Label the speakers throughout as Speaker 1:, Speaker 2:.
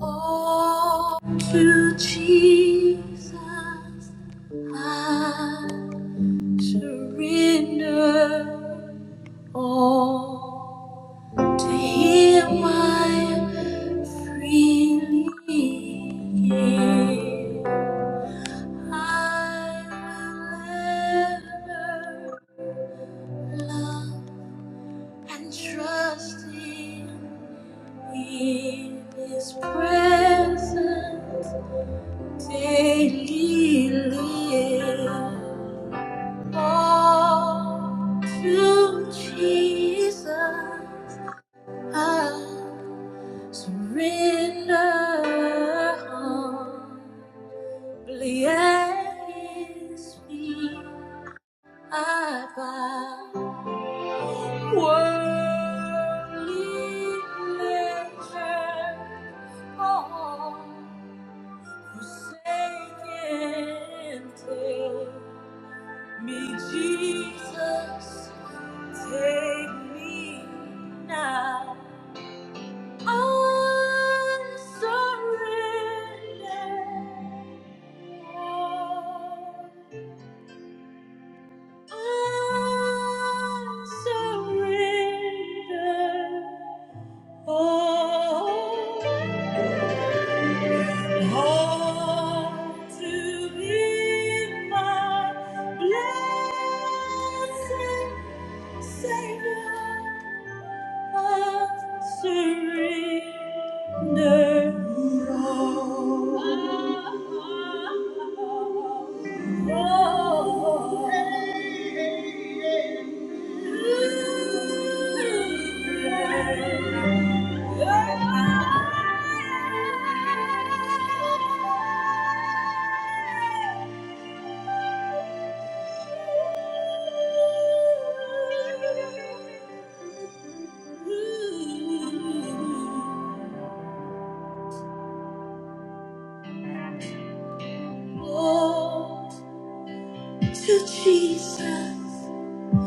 Speaker 1: Oh, you, Jesus, I surrender all. To Him I freely give. I will ever love and trust Him in His presence. daily all to Jesus. I surrender humbly at His feet. I bow. Worldly pleasure, all Forsaken, take me, Jesus, take me now. I surrender all. I surrender all, to Thee, my blessed Savior. Ooh. Oh, to Jesus,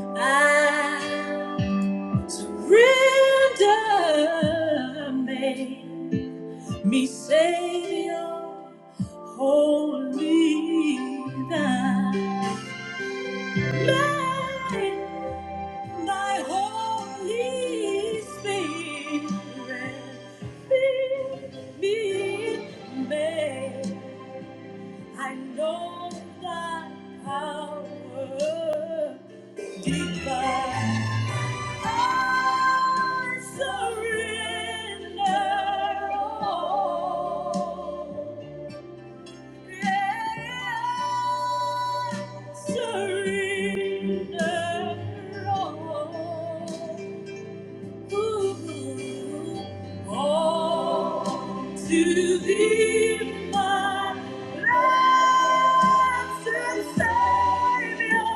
Speaker 1: I surrender. Make me Savior, holy thine. May thy Holy Spirit fill me, make I know that power divine. I surrender all. Yeah, yeah. surrender all. To be my last and savior,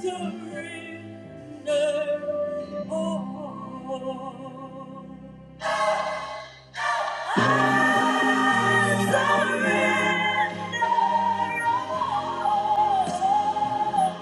Speaker 1: surrender all. I Surrender all.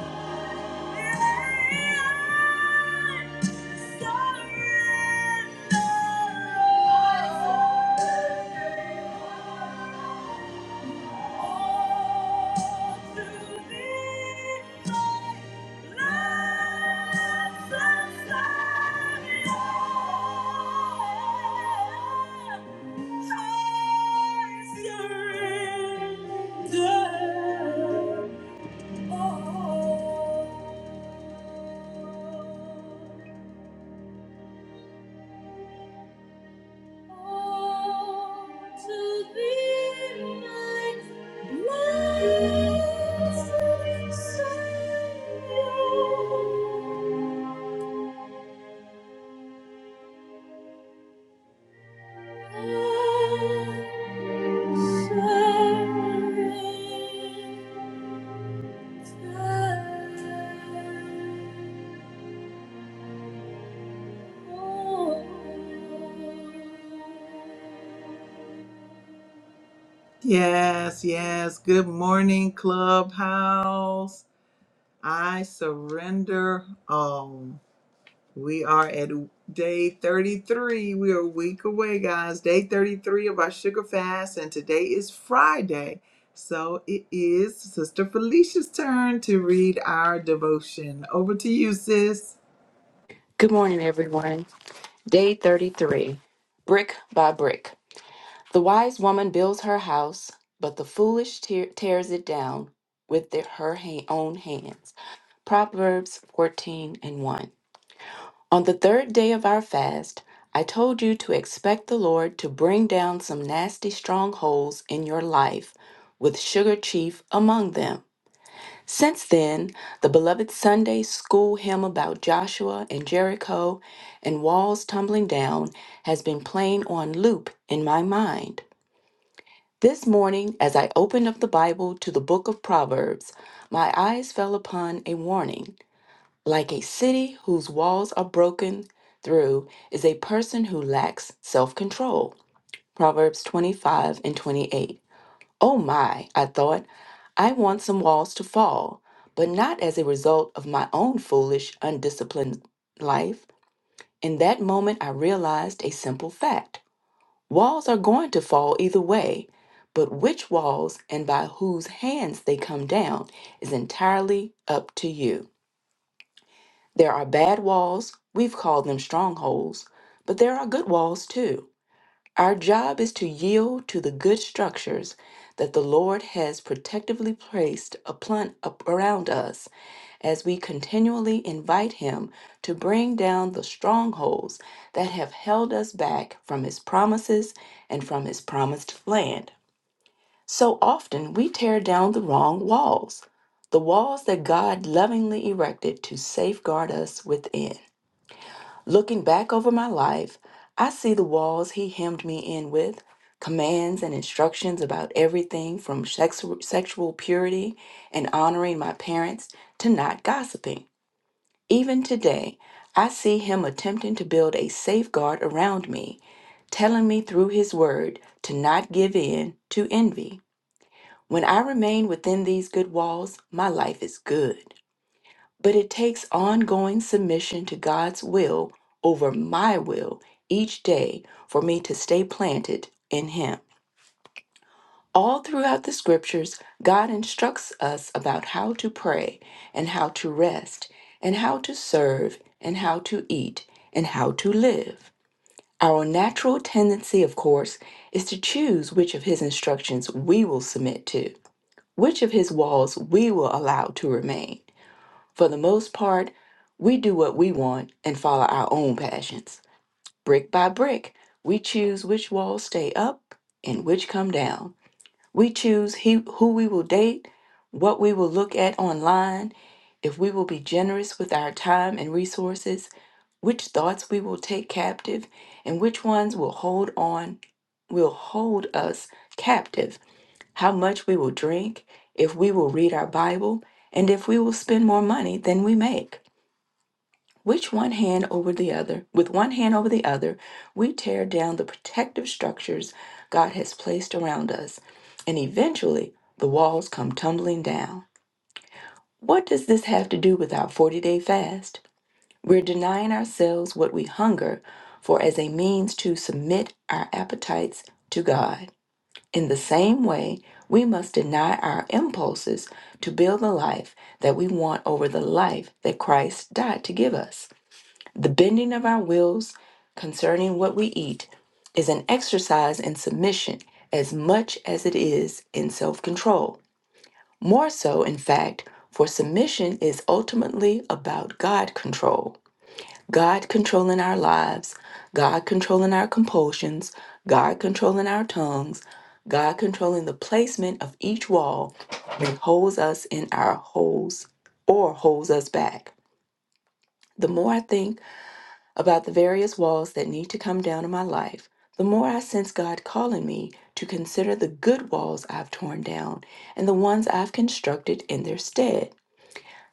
Speaker 1: Yeah. Thank you. Yes, yes. Good morning, Clubhouse. I surrender all. We are at day 33. We are a week away, guys. Day 33 of our sugar fast, and today is Friday. So it is Sister Felicia's turn to read our devotion. Over to you, sis.
Speaker 2: Good morning, everyone. Day 33 Brick by Brick. The wise woman builds her house, but the foolish tear- tears it down with the- her ha- own hands. Proverbs 14 and 1. On the third day of our fast, I told you to expect the Lord to bring down some nasty strongholds in your life, with Sugar Chief among them. Since then, the beloved Sunday school hymn about Joshua and Jericho and walls tumbling down has been playing on loop in my mind. This morning, as I opened up the Bible to the book of Proverbs, my eyes fell upon a warning. Like a city whose walls are broken through is a person who lacks self control. Proverbs 25 and 28. Oh my, I thought, I want some walls to fall, but not as a result of my own foolish, undisciplined life. In that moment, I realized a simple fact walls are going to fall either way, but which walls and by whose hands they come down is entirely up to you. There are bad walls, we've called them strongholds, but there are good walls too. Our job is to yield to the good structures that the Lord has protectively placed upon, up around us as we continually invite Him to bring down the strongholds that have held us back from His promises and from His promised land. So often we tear down the wrong walls, the walls that God lovingly erected to safeguard us within. Looking back over my life, I see the walls he hemmed me in with, commands and instructions about everything from sex- sexual purity and honoring my parents to not gossiping. Even today, I see him attempting to build a safeguard around me, telling me through his word to not give in to envy. When I remain within these good walls, my life is good. But it takes ongoing submission to God's will over my will each day for me to stay planted in Him. All throughout the scriptures, God instructs us about how to pray and how to rest and how to serve and how to eat and how to live. Our natural tendency, of course, is to choose which of His instructions we will submit to, which of His walls we will allow to remain. For the most part, we do what we want and follow our own passions. Brick by brick, we choose which walls stay up and which come down. We choose he, who we will date, what we will look at online, if we will be generous with our time and resources, which thoughts we will take captive, and which ones will hold on will hold us captive, how much we will drink, if we will read our Bible, and if we will spend more money than we make. Which one hand over the other, with one hand over the other, we tear down the protective structures God has placed around us, and eventually the walls come tumbling down. What does this have to do with our 40 day fast? We're denying ourselves what we hunger for as a means to submit our appetites to God. In the same way, we must deny our impulses to build the life that we want over the life that Christ died to give us. The bending of our wills concerning what we eat is an exercise in submission as much as it is in self control. More so, in fact, for submission is ultimately about God control. God controlling our lives, God controlling our compulsions, God controlling our tongues, God controlling the placement of each wall that holds us in our holes or holds us back. The more I think, about the various walls that need to come down in my life, the more I sense God calling me to consider the good walls I've torn down and the ones I've constructed in their stead.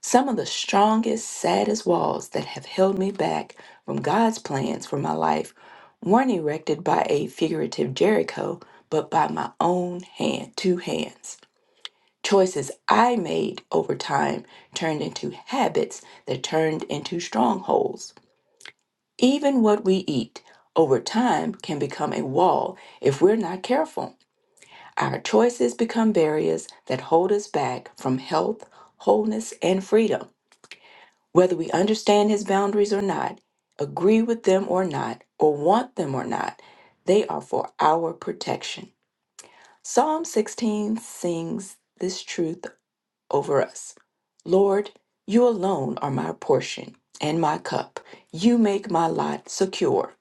Speaker 2: Some of the strongest, saddest walls that have held me back from God's plans for my life weren't erected by a figurative Jericho, but by my own hand, two hands. Choices I made over time turned into habits that turned into strongholds. Even what we eat over time can become a wall if we're not careful. Our choices become barriers that hold us back from health, wholeness, and freedom. Whether we understand his boundaries or not, agree with them or not, or want them or not, they are for our protection. Psalm 16 sings this truth over us Lord, you alone are my portion and my cup. You make my lot secure.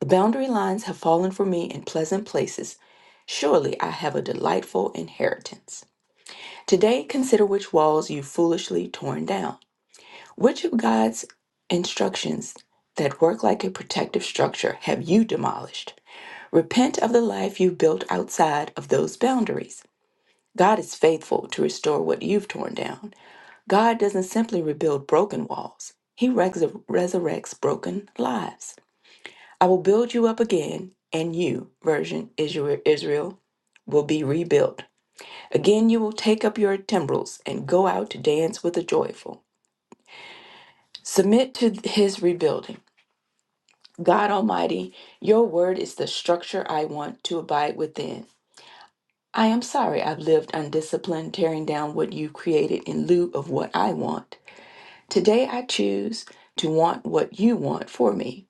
Speaker 2: The boundary lines have fallen for me in pleasant places. Surely I have a delightful inheritance. Today, consider which walls you foolishly torn down. Which of God's instructions that work like a protective structure have you demolished? Repent of the life you built outside of those boundaries. God is faithful to restore what you've torn down. God doesn't simply rebuild broken walls, He res- resurrects broken lives. I will build you up again, and you, version Isra- Israel, will be rebuilt. Again, you will take up your timbrels and go out to dance with the joyful. Submit to his rebuilding. God Almighty, your word is the structure I want to abide within. I am sorry I've lived undisciplined, tearing down what you created in lieu of what I want. Today I choose to want what you want for me.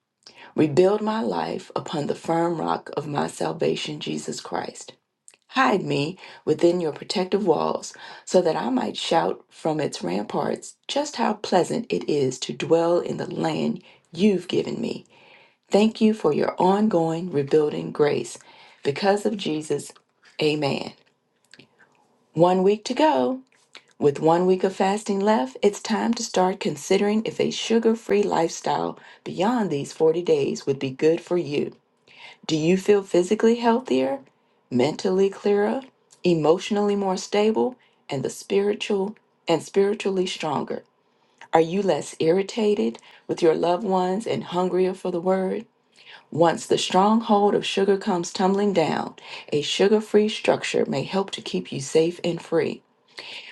Speaker 2: Rebuild my life upon the firm rock of my salvation, Jesus Christ. Hide me within your protective walls, so that I might shout from its ramparts just how pleasant it is to dwell in the land you've given me. Thank you for your ongoing rebuilding grace. Because of Jesus, amen. One week to go. With one week of fasting left, it's time to start considering if a sugar free lifestyle beyond these 40 days would be good for you. Do you feel physically healthier, mentally clearer, emotionally more stable, and the spiritual and spiritually stronger? Are you less irritated with your loved ones and hungrier for the word? Once the stronghold of sugar comes tumbling down, a sugar free structure may help to keep you safe and free.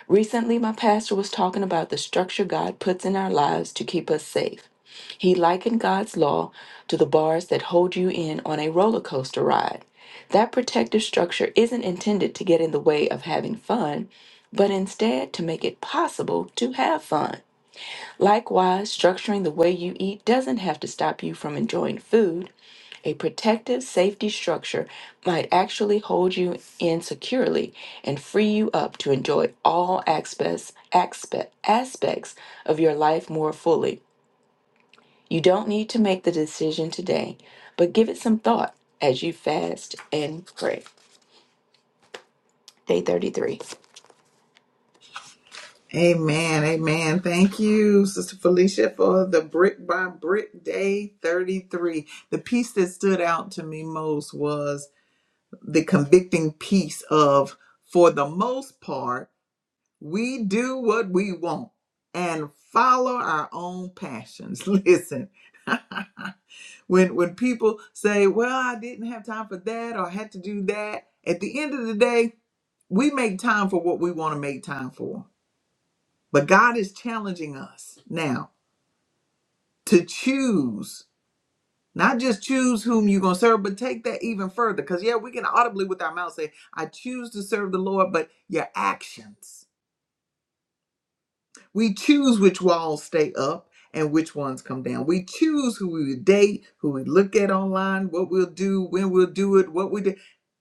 Speaker 2: Recently, my pastor was talking about the structure God puts in our lives to keep us safe. He likened God's law to the bars that hold you in on a roller coaster ride. That protective structure isn't intended to get in the way of having fun, but instead to make it possible to have fun. Likewise, structuring the way you eat doesn't have to stop you from enjoying food. A protective safety structure might actually hold you in securely and free you up to enjoy all aspects, aspe- aspects of your life more fully you don't need to make the decision today, but give it some thought as you fast and pray. Day 33.
Speaker 1: Amen. Amen. Thank you, Sister Felicia, for the brick by brick day 33. The piece that stood out to me most was the convicting piece of, for the most part, we do what we want and follow our own passions. Listen. when when people say, "Well, I didn't have time for that or I had to do that," at the end of the day, we make time for what we want to make time for but God is challenging us now to choose, not just choose whom you're going to serve, but take that even further. Because, yeah, we can audibly with our mouth say, I choose to serve the Lord, but your actions. We choose which walls stay up and which ones come down. We choose who we date, who we look at online, what we'll do, when we'll do it, what we do.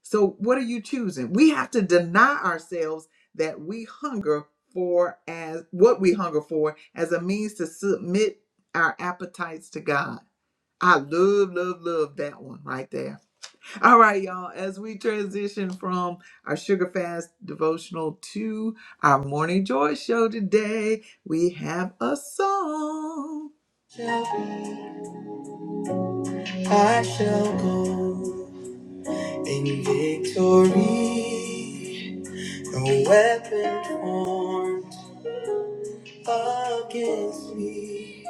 Speaker 1: So, what are you choosing? We have to deny ourselves that we hunger for as what we hunger for as a means to submit our appetites to God. I love, love, love that one right there all right, y'all. As we transition from our sugar fast devotional to our morning joy show today, we have a song. Shall be, I shall go in victory. No weapon formed against me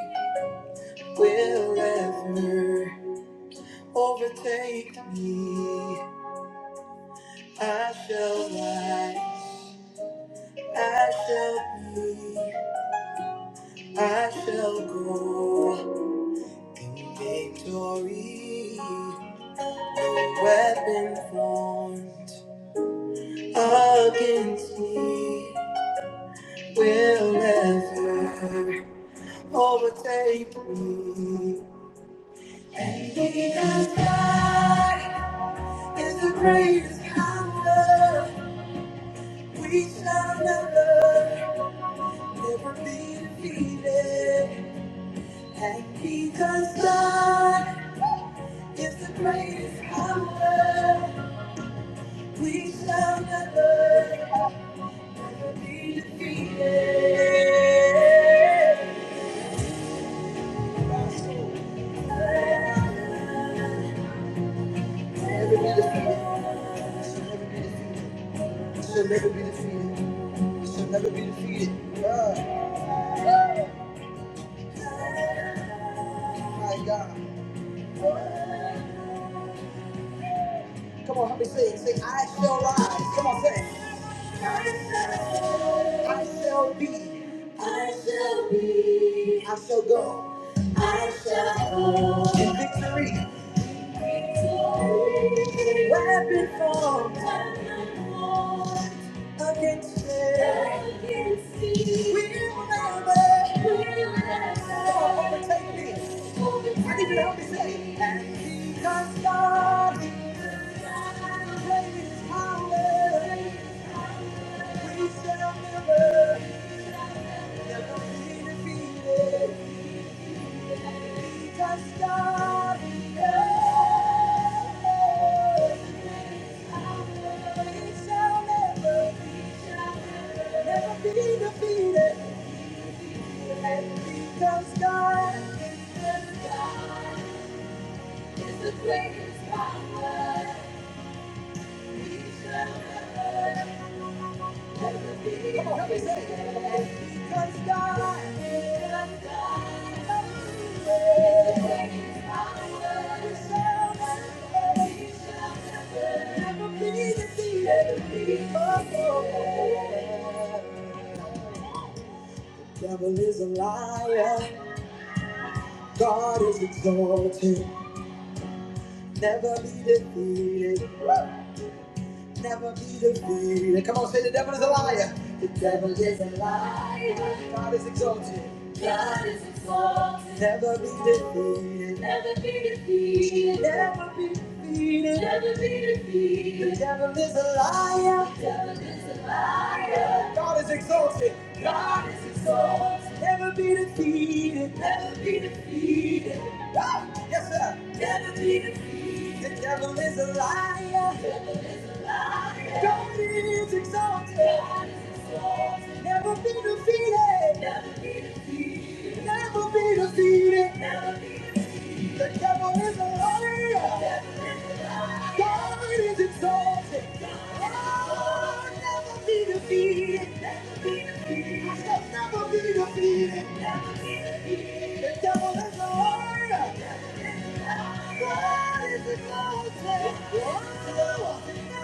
Speaker 1: will ever overtake me. I shall rise. I shall be. I shall go in victory. The Weapon formed against me will never overtake me. And because God is the greatest power, we shall never, never be defeated. And because God is the greatest power. We shall never, never be defeated. Never be defeated. Shall never be defeated. Shall never be defeated. Oh, my God. Come on, help me say it. Say, I shall rise. Come on, say it. I shall be. I shall be. I shall go. I shall go. In victory. Weapon formed against me will never we'll never overtake me. I need you to help me say, and because God is greatest power, we shall never, never be defeated. Because God is great. Devil is a liar, God is exalted. never be defeated never be defeated. Come on, say the devil is a liar. The devil is a liar. God is exalted. God is exalted. Never be defeated. Never be defeated. Never be defeated. Never be defeated. The devil is a liar. The devil is a liar. God is exalted. God is exalted. Never be defeated. Never be defeated. Woo! Yes, sir. Never be defeated. The devil is a liar. God is exalted. Never be defeated. Never be defeated. The devil is a liar. God is exalted. Oh, never be defeated. I said never be defeated. The devil is a liar. God is an altar.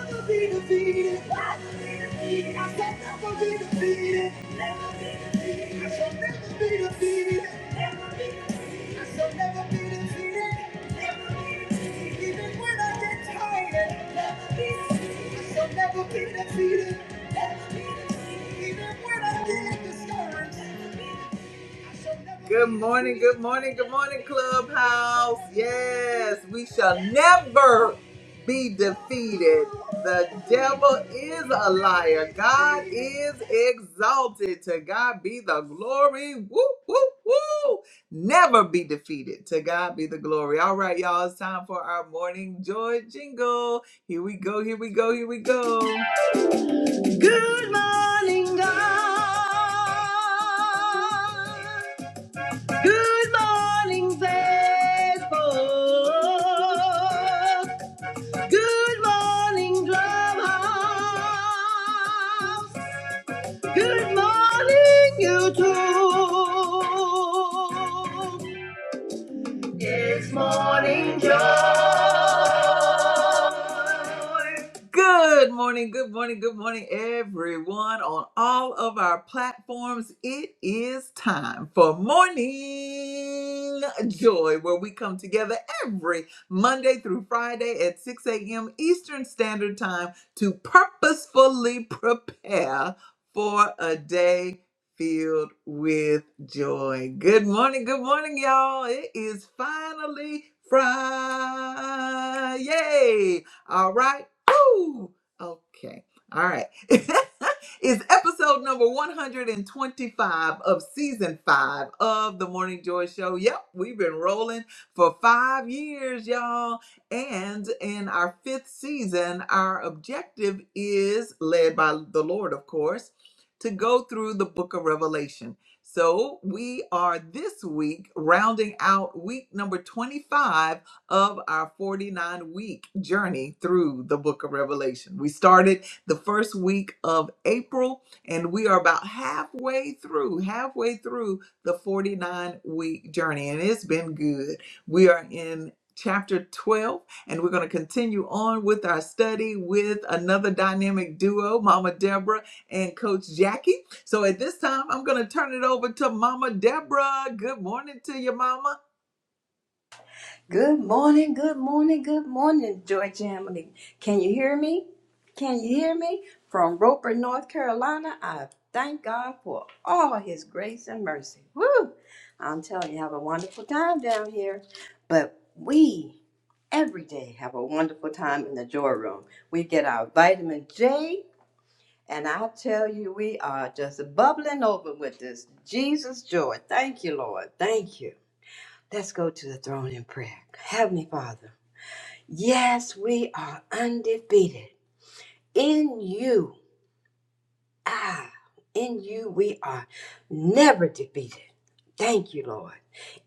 Speaker 1: Never be defeated. I shall Never be defeated. I shall never be defeated. I shall never be defeated. Even when I get tired, I shall never be defeated. Even when I get discouraged. Good morning, good morning, good morning, Clubhouse. Yes, we shall never be defeated. The devil is a liar. God is exalted. To God be the glory. Woo, woo, woo. Never be defeated. To God be the glory. All right, y'all, it's time for our morning joy jingle. Here we go, here we go, here we go. Good morning, God. Good morning, Facebook. Good morning, Drumhouse. Good morning, YouTube. It's morning joy. Good morning, good morning, good morning, everyone on all of our platforms. It is time for Morning Joy, where we come together every Monday through Friday at 6 a.m. Eastern Standard Time to purposefully prepare for a day filled with joy. Good morning, good morning, y'all. It is finally Friday. Yay! All right. Woo! Okay. All right. it's episode number 125 of season five of the Morning Joy Show. Yep, we've been rolling for five years, y'all. And in our fifth season, our objective is led by the Lord, of course to go through the book of Revelation. So we are this week rounding out week number 25 of our 49 week journey through the book of Revelation. We started the first week of April and we are about halfway through, halfway through the 49 week journey, and it's been good. We are in chapter 12 and we're going to continue on with our study with another dynamic duo mama deborah and Coach Jackie. So at this time, I'm going to turn it over to Mama Deborah. Good morning to you, Mama.
Speaker 3: Good morning, good morning, good morning, Joy Jamily. Can you hear me? Can you hear me? From Roper, North Carolina, I thank God for all his grace and mercy. Woo! I'm telling you, have a wonderful time down here. But we every day have a wonderful time in the joy room. We get our vitamin J, and I tell you, we are just bubbling over with this Jesus joy. Thank you, Lord. Thank you. Let's go to the throne in prayer. Heavenly Father. Yes, we are undefeated. In you, ah, in you, we are never defeated. Thank you, Lord.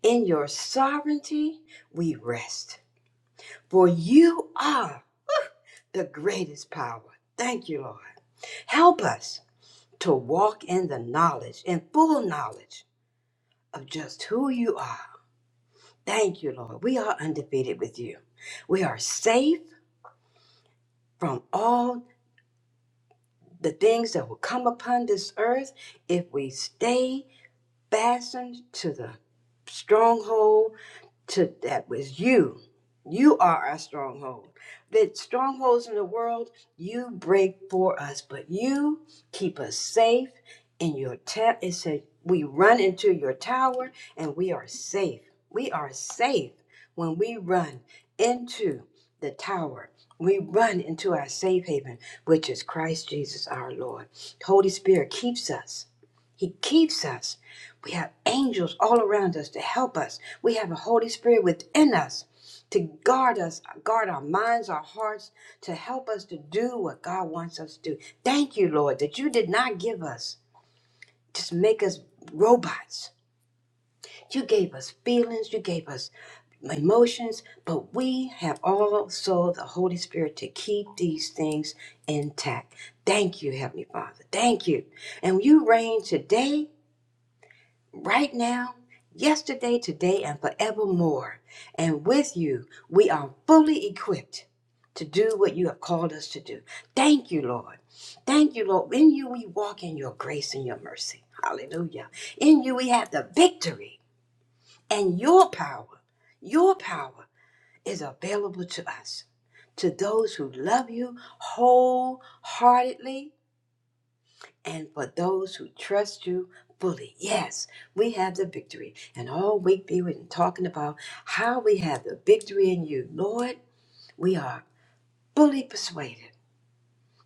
Speaker 3: In your sovereignty, we rest, for you are the greatest power. Thank you, Lord. Help us to walk in the knowledge, in full knowledge of just who you are. Thank you, Lord. We are undefeated with you. We are safe from all the things that will come upon this earth if we stay fastened to the stronghold to that was you. You are our stronghold. The strongholds in the world you break for us, but you keep us safe in your tent. It says we run into your tower and we are safe. We are safe when we run into the tower. We run into our safe haven, which is Christ Jesus our Lord. The Holy Spirit keeps us. He keeps us we have angels all around us to help us. We have a Holy Spirit within us to guard us, guard our minds, our hearts, to help us to do what God wants us to do. Thank you, Lord, that you did not give us, just make us robots. You gave us feelings, you gave us emotions, but we have also the Holy Spirit to keep these things intact. Thank you, Heavenly Father. Thank you. And you reign today right now, yesterday, today, and forevermore. And with you, we are fully equipped to do what you have called us to do. Thank you, Lord. Thank you, Lord. In you, we walk in your grace and your mercy. Hallelujah. In you, we have the victory and your power. Your power is available to us, to those who love you wholeheartedly and for those who trust you fully. Yes, we have the victory. And all week we've been talking about how we have the victory in you. Lord, we are fully persuaded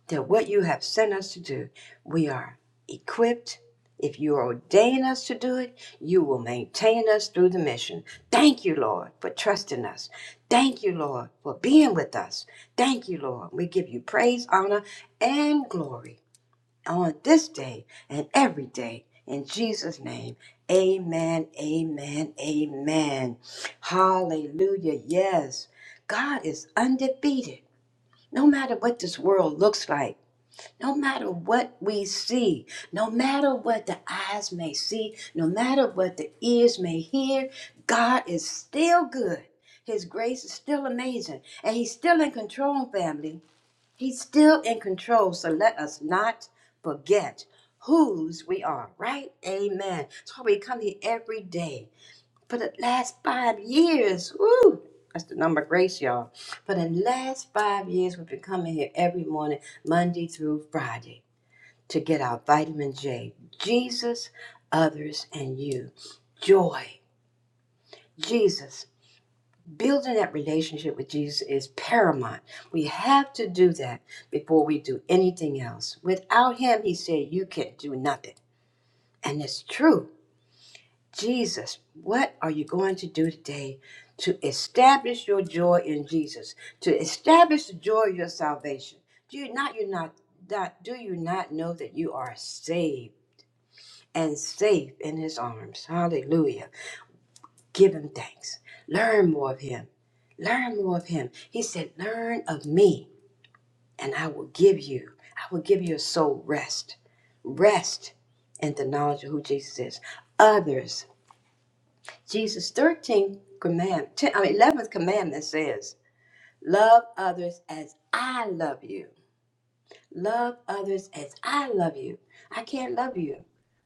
Speaker 3: that what you have sent us to do, we are equipped. If you ordain us to do it, you will maintain us through the mission. Thank you, Lord, for trusting us. Thank you, Lord, for being with us. Thank you, Lord. We give you praise, honor, and glory on this day and every day. In Jesus' name, amen, amen, amen. Hallelujah. Yes, God is undefeated. No matter what this world looks like, no matter what we see, no matter what the eyes may see, no matter what the ears may hear, God is still good. His grace is still amazing, and He's still in control, family. He's still in control, so let us not forget whose we are, right? Amen. That's why we come here every day. For the last five years, woo, that's the number of grace, y'all. For the last five years, we've been coming here every morning, Monday through Friday, to get our vitamin J. Jesus, others, and you. Joy. Jesus. Building that relationship with Jesus is paramount. We have to do that before we do anything else. Without him, he said, you can do nothing. And it's true. Jesus, what are you going to do today to establish your joy in Jesus, to establish the joy of your salvation? Do you not, you not, not do you not know that you are saved and safe in his arms? Hallelujah. Give him thanks. Learn more of him. Learn more of him. He said, Learn of me, and I will give you, I will give your soul rest. Rest in the knowledge of who Jesus is. Others. Jesus' 13th command, 10, I mean, 11th commandment says, Love others as I love you. Love others as I love you. I can't love you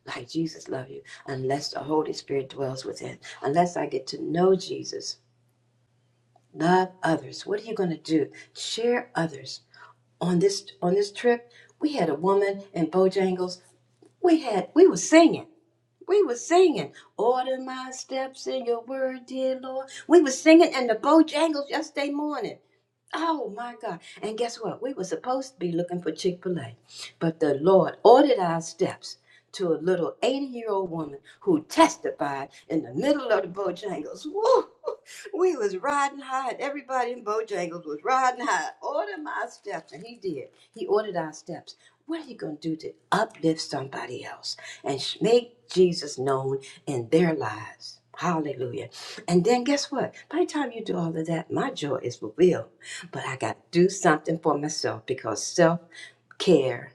Speaker 3: like Jesus loved you unless the Holy Spirit dwells within, unless I get to know Jesus love others what are you going to do share others on this on this trip we had a woman in bojangles we had we were singing we were singing order my steps in your word dear lord we were singing in the bojangles yesterday morning Oh my God. And guess what? We were supposed to be looking for Chick fil A, but the Lord ordered our steps to a little 80 year old woman who testified in the middle of the Bojangles. Woo! We was riding high, and everybody in Bojangles was riding high. Order my steps, and he did. He ordered our steps. What are you going to do to uplift somebody else and sh- make Jesus known in their lives? Hallelujah. And then guess what? By the time you do all of that, my joy is fulfilled but I got to do something for myself because self care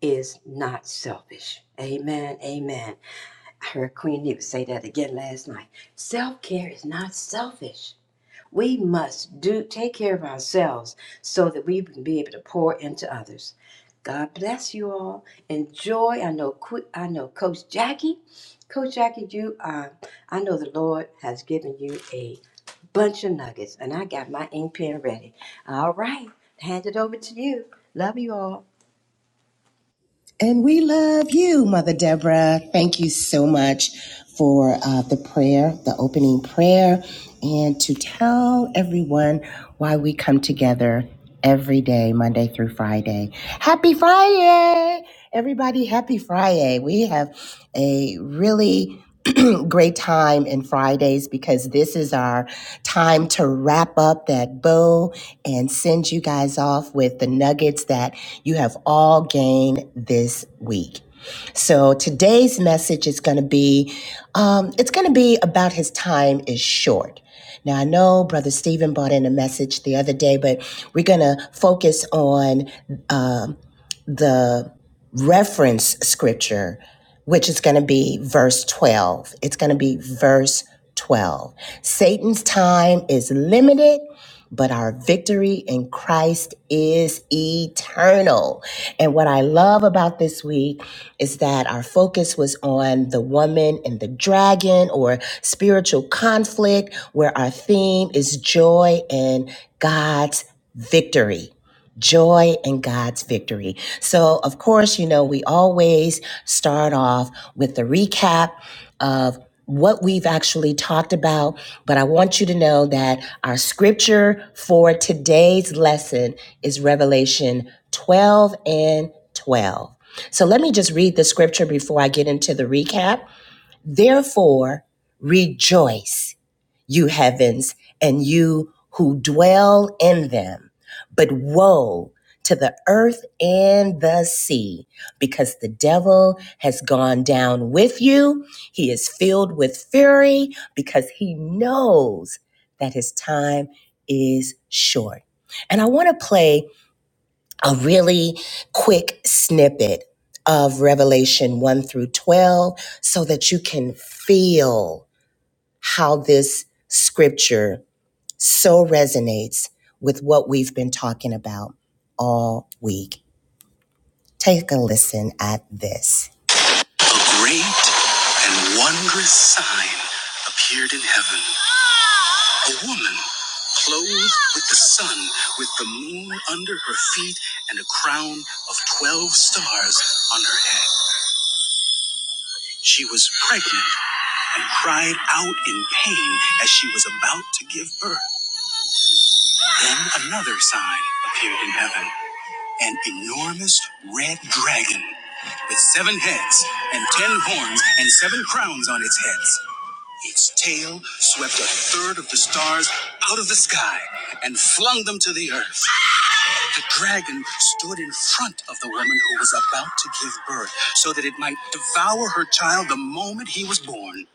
Speaker 3: is not selfish. Amen. Amen. I heard Queen Eva say that again last night. Self care is not selfish. We must do take care of ourselves so that we can be able to pour into others. God bless you all. Enjoy. I know. I know, Coach Jackie. Coach Jackie, you. Uh, I know the Lord has given you a bunch of nuggets, and I got my ink pen ready. All right, hand it over to you. Love you all.
Speaker 4: And we love you, Mother Deborah. Thank you so much for uh, the prayer, the opening prayer, and to tell everyone why we come together every day, Monday through Friday. Happy Friday! Everybody, happy Friday. We have a really great time in Fridays because this is our time to wrap up that bow and send you guys off with the nuggets that you have all gained this week. So today's message is going to be, um, it's going to be about his time is short. Now I know Brother Stephen brought in a message the other day, but we're going to focus on um, the reference scripture, which is going to be verse 12. It's going to be verse 12. Satan's time is limited, but our victory in Christ is eternal. And what I love about this week is that our focus was on the woman and the dragon or spiritual conflict, where our theme is joy and God's victory joy and God's victory. So, of course, you know, we always start off with the recap of what we've actually talked about, but I want you to know that our scripture for today's lesson is Revelation 12 and 12. So let me just read the scripture before I get into the recap. Therefore, rejoice you heavens, and you who dwell in them. But woe to the earth and the sea, because the devil has gone down with you. He is filled with fury because he knows that his time is short. And I want to play a really quick snippet of Revelation 1 through 12 so that you can feel how this scripture so resonates with what we've been talking about all week. Take a listen at this. A great and wondrous sign appeared in heaven. A woman clothed with the sun, with the moon under her feet, and a crown of 12 stars on her head. She was pregnant and cried out in pain as she was about to give birth. Then another sign appeared in heaven an enormous red dragon with seven heads and ten horns and seven crowns on its heads. Its tail swept a third of the stars out of the sky and flung them to the earth. The dragon stood in front of the woman who was about to give birth so that it might devour her child the moment he was born.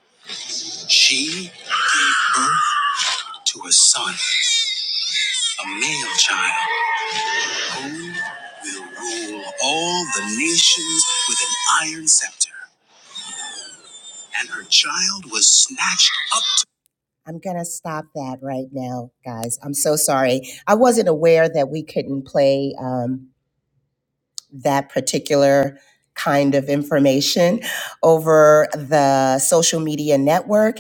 Speaker 4: She gave birth to a son, a male child. Who will rule all the nations with an iron scepter? And her child was snatched up to. I'm going to stop that right now, guys. I'm so sorry. I wasn't aware that we couldn't play. um, that particular kind of information over the social media network.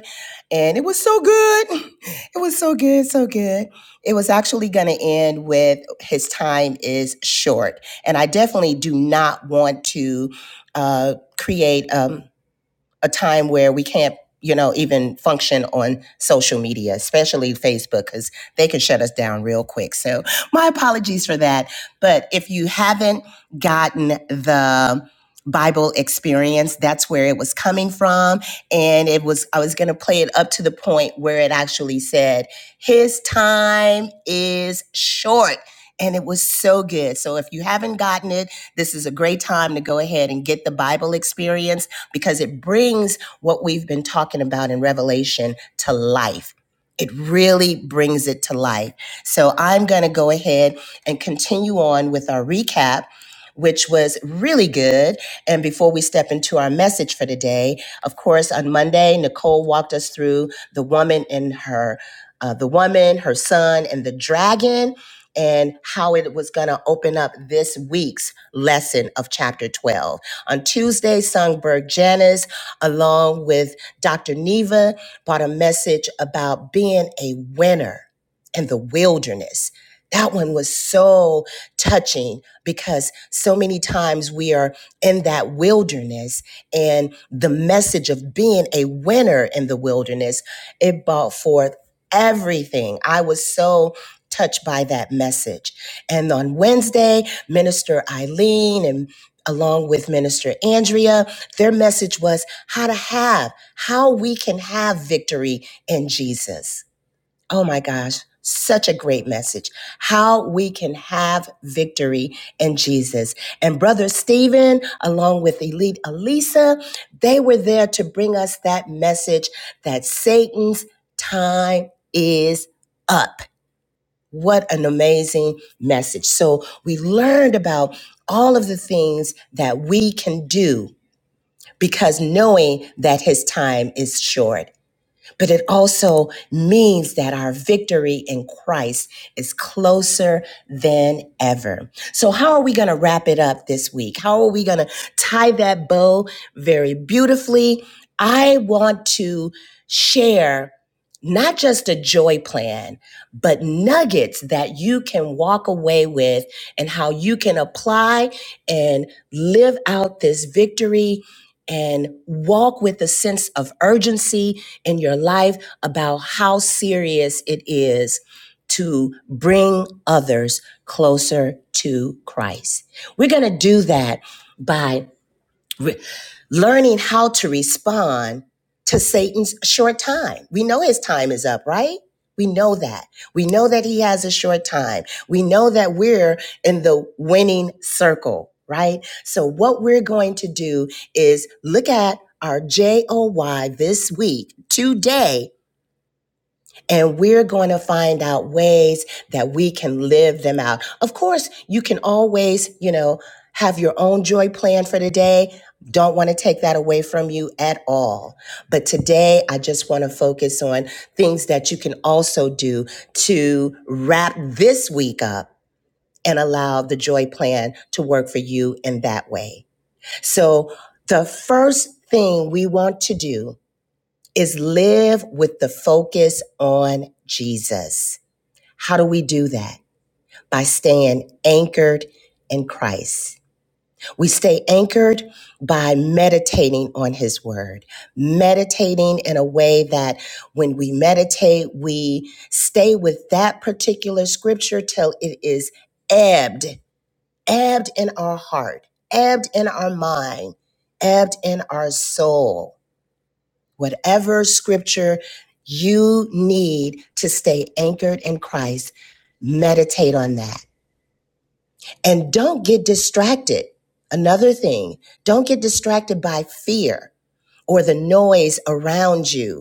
Speaker 4: And it was so good. It was so good, so good. It was actually going to end with his time is short. And I definitely do not want to uh, create. Um, a time where we can't you know even function on social media especially facebook because they can shut us down real quick so my apologies for that but if you haven't gotten the bible experience that's where it was coming from and it was i was going to play it up to the point where it actually said his time is short and it was so good so if you haven't gotten it this is a great time to go ahead and get the bible experience because it brings what we've been talking about in Revelation to life. It really brings it to life. So I'm going to go ahead and continue on with our recap, which was really good. And before we step into our message for today, of course, on Monday, Nicole walked us through the woman and her, uh, the woman, her son, and the dragon, and how it was going to open up this week's lesson of chapter 12. On Tuesday, Songberg Janice, along with Dr. Neva, brought a message about being a winner in the wilderness. That one was so touching because so many times we are in that wilderness and the message of being a winner in the wilderness, it brought forth everything. I was so touched by that message. And on Wednesday, Minister Eileen and along with Minister Andrea. Their message was how to have, how we can have victory in Jesus. Oh my gosh, such a great message. How we can have victory in Jesus. And Brother Stephen, along with Elite Elisa, they were there to bring us that message that Satan's time is up. What an amazing message. So we learned about all of the things that we can do because knowing that his time is short but it also means that our victory in Christ is closer than ever. So, how are we going to wrap it up this week? How are we going to tie that bow very beautifully? I want to share not just a joy plan, but nuggets that you can walk away with and how you can apply and live out this victory and walk with a sense of urgency in your life about how serious it is to bring others closer to Christ. We're going to do that by re- learning how to respond to Satan's short time. We know his time is up, right? We know that. We know that he has a short time. We know that we're in the winning circle, right? So what we're going to do is look at our JOY this week, today, and we're going to find out ways that we can live them out. Of course, you can always, you know, have your own joy plan for the day. Don't want to take that away from you at all. But today, I just want to focus on things that you can also do to wrap this week up and allow the joy plan to work for you in that way. So, the first thing we want to do is live with the focus on Jesus. How do we do that? By staying anchored in Christ. We stay anchored by meditating on his word, meditating in a way that when we meditate, we stay with that particular scripture till it is ebbed, ebbed in our heart, ebbed in our mind, ebbed in our soul whatever scripture you need to stay anchored in Christ, meditate on that. And don't get distracted. Another thing, don't get distracted by fear or the noise around you.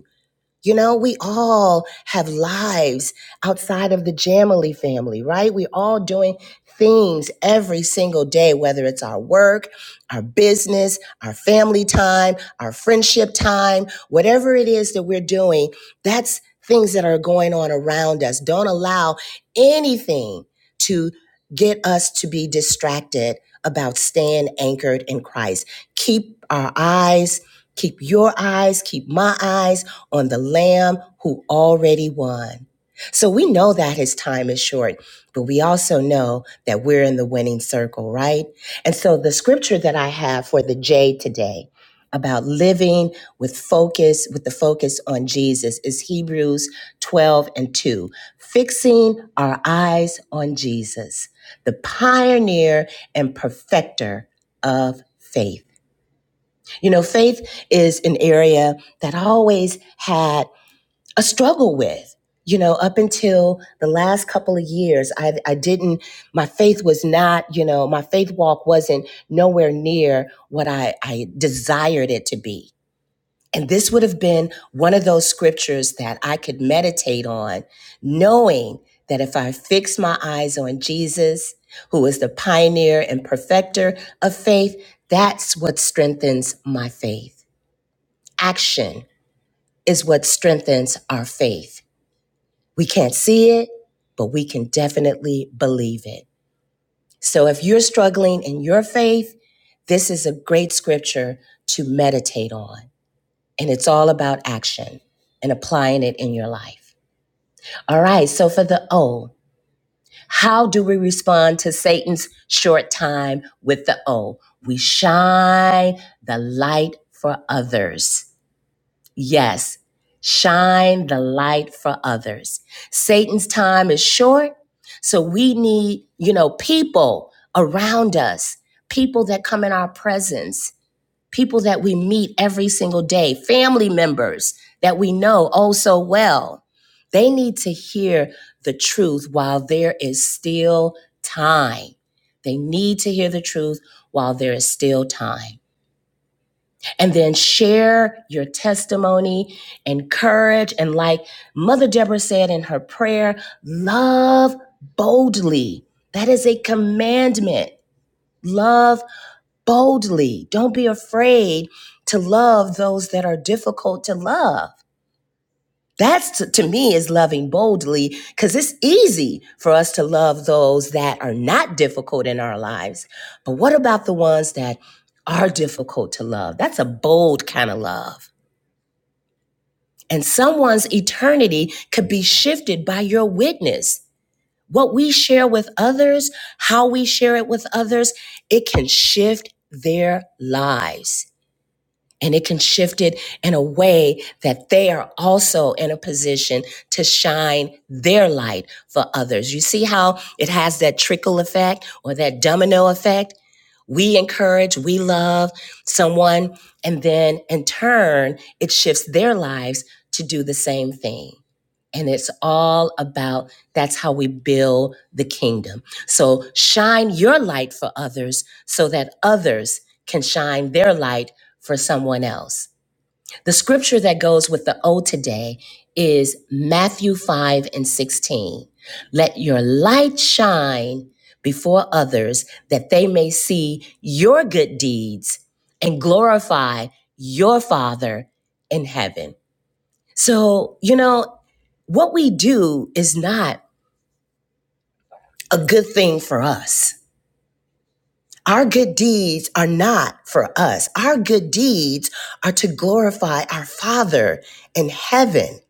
Speaker 4: You know, we all have lives outside of the Jamily family, right? We're all doing things every single day, whether it's our work, our business, our family time, our friendship time, whatever it is that we're doing, that's things that are going on around us. Don't allow anything to get us to be distracted about staying anchored in Christ. Keep our eyes, keep your eyes, keep my eyes on the Lamb who already won. So we know that his time is short, but we also know that we're in the winning circle, right? And so the scripture that I have for the J today about living with focus, with the focus on Jesus is Hebrews 12 and 2. Fixing our eyes on Jesus, the pioneer and perfecter of faith. You know, faith is an area that always had a struggle with you know up until the last couple of years i i didn't my faith was not you know my faith walk wasn't nowhere near what i i desired it to be and this would have been one of those scriptures that i could meditate on knowing that if i fix my eyes on jesus who is the pioneer and perfecter of faith that's what strengthens my faith action is what strengthens our faith we can't see it, but we can definitely believe it. So if you're struggling in your faith, this is a great scripture to meditate on. And it's all about action and applying it in your life. All right, so for the O, how do we respond to Satan's short time with the O? We shine the light for others. Yes, shine the light for others. Satan's time is short, so we need, you know, people around us, people that come in our presence, people that we meet every single day, family members that we know oh so well. They need to hear the truth while there is still time. They need to hear the truth while there is still time and then share your testimony, encourage, and like Mother Deborah said in her prayer, love boldly. That is a commandment. Love boldly. Don't be afraid to love those that are difficult to love. That's to, me is loving boldly because it's easy for us to love those that are not difficult in our lives. But what about the ones that are difficult to love? That's a bold kind of love. And someone's eternity could be shifted by your witness. What we share with others, how we share it with others, it can shift their lives and it can shift it in a way that they are also in a position to shine their light for others. You see how it has that trickle effect or that domino effect? We encourage, we love someone, and then in turn, it shifts their lives to do the same thing. And it's all about that's how we build the kingdom. So shine your light for others so that others can shine their light for someone else. The scripture that goes with the O today is Matthew 5 and 16. Let your light shine before others that they may see your good deeds and glorify your Father in heaven. So, you know, what we do is not a good thing for us Our good deeds are not for us. Our good deeds are to glorify our Father in heaven.